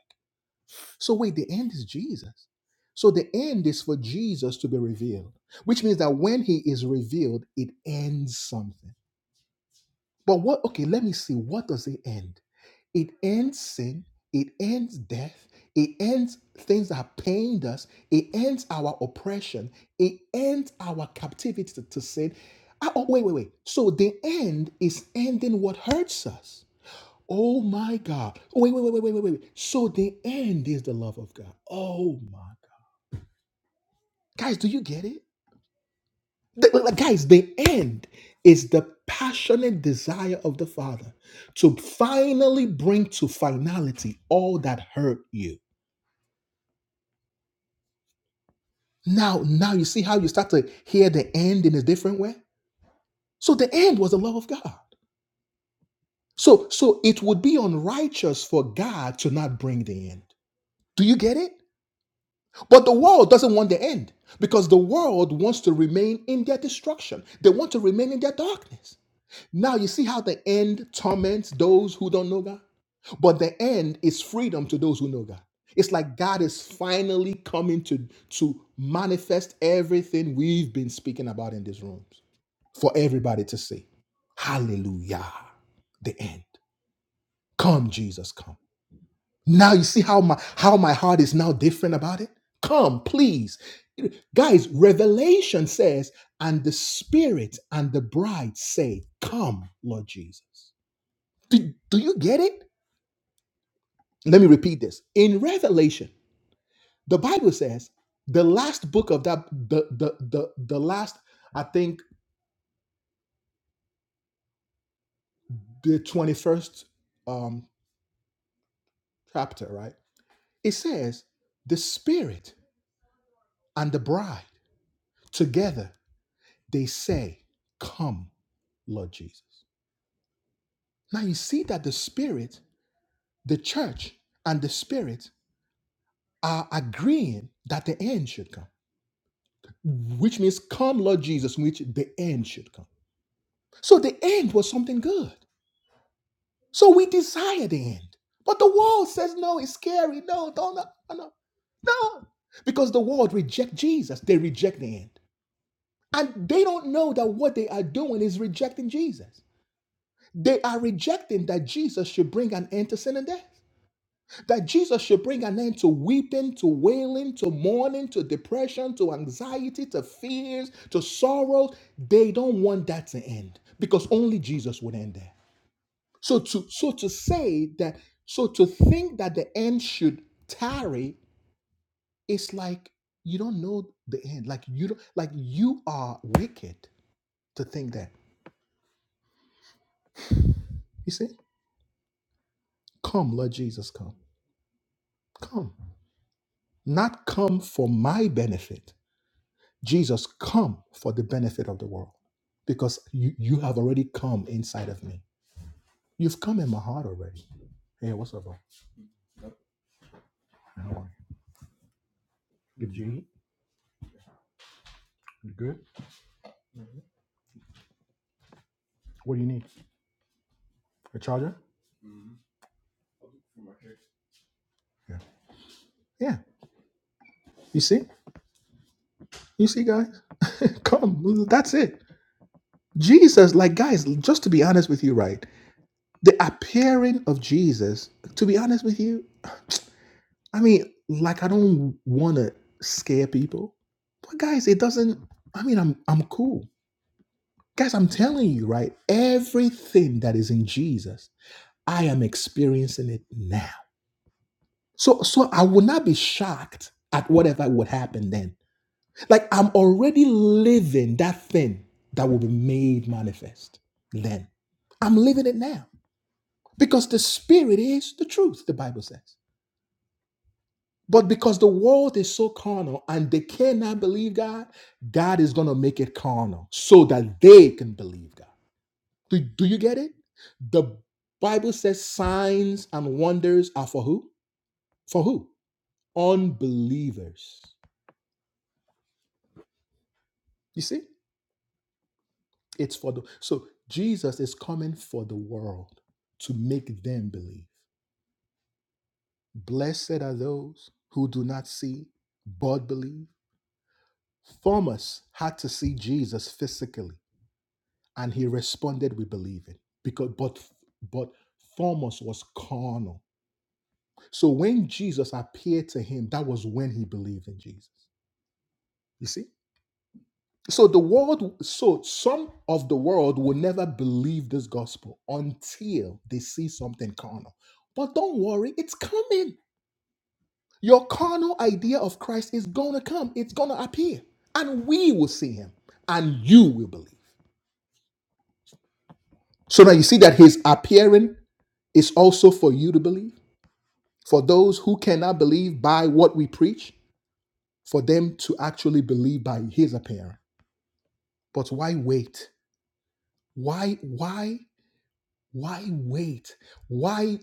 Speaker 1: So, wait, the end is Jesus. So, the end is for Jesus to be revealed, which means that when he is revealed, it ends something. But what, okay, let me see, what does it end? It ends sin, it ends death, it ends things that have pained us, it ends our oppression, it ends our captivity to, to sin. Ah, oh, wait, wait, wait. So the end is ending what hurts us. Oh my God. Oh, Wait, wait, wait, wait, wait, wait, wait. So the end is the love of God. Oh my God. Guys, do you get it? The- like, guys, the end is the passionate desire of the Father to finally bring to finality all that hurt you. Now, now you see how you start to hear the end in a different way? So the end was the love of God. So so it would be unrighteous for God to not bring the end. Do you get it? But the world doesn't want the end because the world wants to remain in their destruction. They want to remain in their darkness. Now you see how the end torments those who don't know God? But the end is freedom to those who know God. It's like God is finally coming to, to manifest everything we've been speaking about in these rooms for everybody to see. Hallelujah. The end. Come, Jesus, come. Now you see how my how my heart is now different about it? Come, please. Guys, Revelation says, and the Spirit and the bride say, Come, Lord Jesus. Do, do you get it? Let me repeat this. In Revelation, the Bible says the last book of that the the the, the last I think the 21st um chapter, right? It says the spirit and the bride together they say, "Come, Lord Jesus." Now you see that the spirit, the church and the spirit are agreeing that the end should come, which means come Lord Jesus, which the end should come So the end was something good. So we desire the end. But the world says, no, it's scary. No, don't, no, no. no." Because the world reject Jesus. They reject the end. And they don't know that what they are doing is rejecting Jesus. They are rejecting that Jesus should bring an end to sin and death. That Jesus should bring an end to weeping, to wailing, to mourning, to depression, to anxiety, to fears, to sorrows. They don't want that to end because only Jesus would end there. So to so to say that so to think that the end should tarry is like you don't know the end. Like you don't like you are wicked to think that. You see? Come, Lord Jesus, come. Come. Not come for my benefit. Jesus, come for the benefit of the world. Because you, you have already come inside of me. You've come in my heart already. Hey, what's up, bro? How are you? Good, you eat? You good? What do you need? A charger? Yeah. Yeah. You see? You see, guys, come. That's it. Jesus, like, guys, just to be honest with you, right? The appearing of Jesus, to be honest with you, I mean, like, I don't want to scare people, but guys, it doesn't. I mean, I'm I'm cool, guys. I'm telling you, right? Everything that is in Jesus, I am experiencing it now. So, so I will not be shocked at whatever would happen then Like I'm already living that thing that will be made manifest then. I'm living it now because the spirit is the truth, the Bible says. But because the world is so carnal and they cannot believe God, God is going to make it carnal so that they can believe God. Do, do you get it? The Bible says signs and wonders are for who? For who? Unbelievers. You see? It's for the so Jesus is coming for the world to make them believe. Blessed are those who do not see but believe. Thomas had to see Jesus physically, and he responded with believing. Because but but Thomas was carnal. So when Jesus appeared to him, that was when he believed in Jesus. You see? So the world, so some of the world will never believe this gospel until they see something carnal. But don't worry, it's coming. Your carnal idea of Christ is gonna come, it's gonna appear, and we will see him, and you will believe. So now you see that his appearing is also for you to believe, for those who cannot believe by what we preach, for them to actually believe by his appearing. But why wait? Why, why? Why wait? Why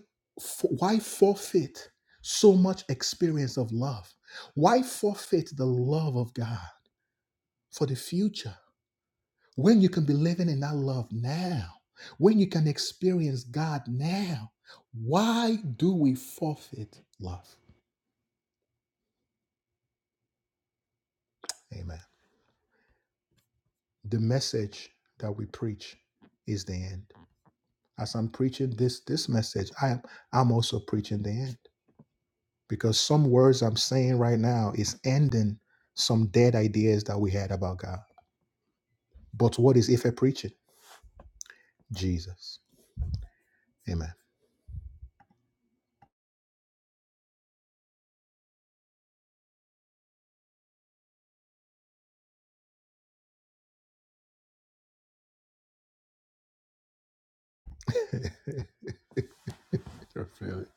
Speaker 1: why forfeit so much experience of love? Why forfeit the love of God for the future when you can be living in that love now? When you can experience God now? Why do we forfeit love? Amen. The message that we preach is the end. As I'm preaching this this message, I am I'm also preaching the end. because some words I'm saying right now is ending some dead ideas that we had about God. But what is Ife preaching? Jesus. Amen. I feel it.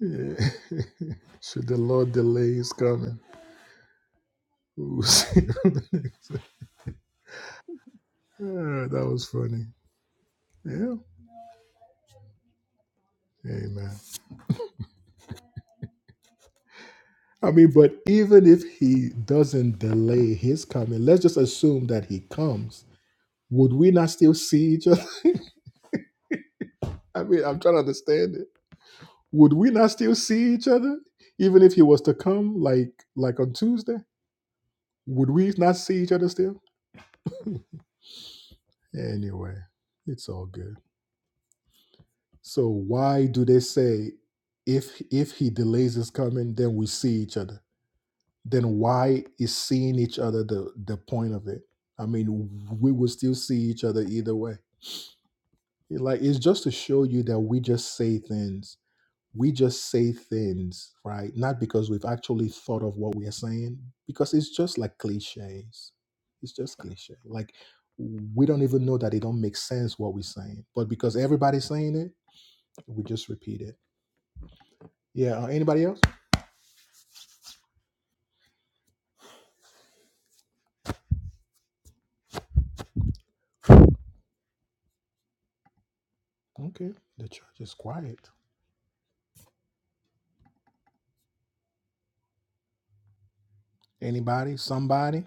Speaker 1: Yeah. Should the Lord delay his coming? We'll see. Ah, that was funny. Yeah. Amen. I mean, but even if he doesn't delay his coming, let's just assume that he comes. Would we not still see each other? I mean, I'm trying to understand it. would we not still see each other even if he was to come like like on tuesday would we not see each other still anyway it's all good so why do they say if if he delays his coming then we see each other then why is seeing each other the the point of it i mean we will still see each other either way It, like it's just to show you that we just say things we just say things right not because we've actually thought of what we are saying because it's just like cliches it's just cliche like we don't even know that it don't make sense what we're saying but because everybody's saying it we just repeat it yeah uh, anybody else okay the church is quiet anybody somebody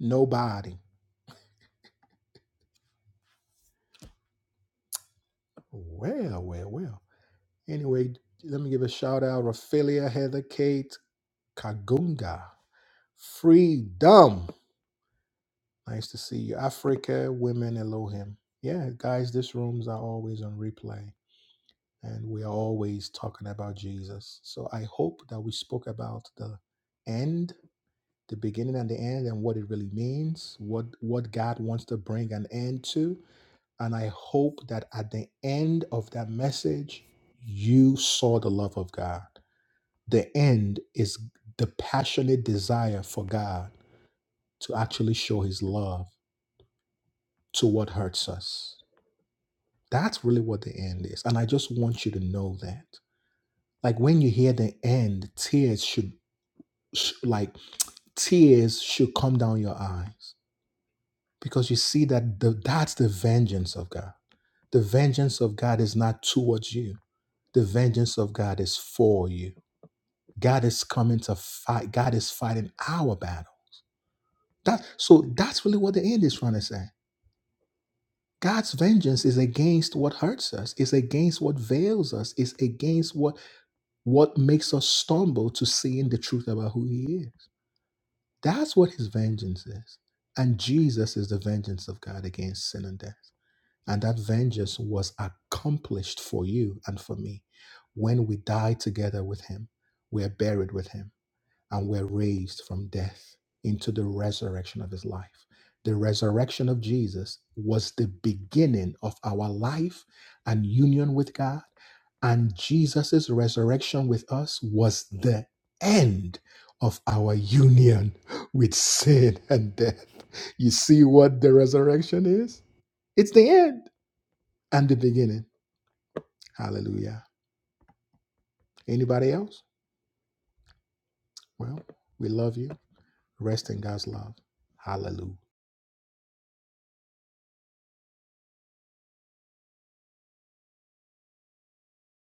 Speaker 1: nobody well well well anyway let me give a shout out ophelia heather kate kagunga freedom Nice to see you. Africa, women, Elohim. Yeah, guys, these rooms are always on replay and we are always talking about Jesus. So I hope that we spoke about the end, the beginning and the end and what it really means, what what God wants to bring an end to. And I hope that at the end of that message, you saw the love of God. The end is the passionate desire for God to actually show his love to what hurts us That's really what the end is. And I just want you to know that. Like when you hear the end, tears should, sh- like, tears should come down your eyes because you see that the, that's the vengeance of God. The vengeance of God is not towards you, the vengeance of God is for you. God is coming to fight, God is fighting our battle. That, so that's really what the end is trying to say. God's vengeance is against what hurts us, is against what veils us, is against what What makes us stumble to seeing the truth about who he is? That's what his vengeance is. And Jesus is the vengeance of God against sin and death. And that vengeance was accomplished for you and for me. When we die together with him, we are buried with him and were raised from death into the resurrection of his life. The resurrection of Jesus was the beginning of our life and union with God. And Jesus' resurrection with us was the end of our union with sin and death. You see what the resurrection is? It's the end and the beginning. Hallelujah. Anybody else? Well, we love you. Rest in God's love. Hallelujah.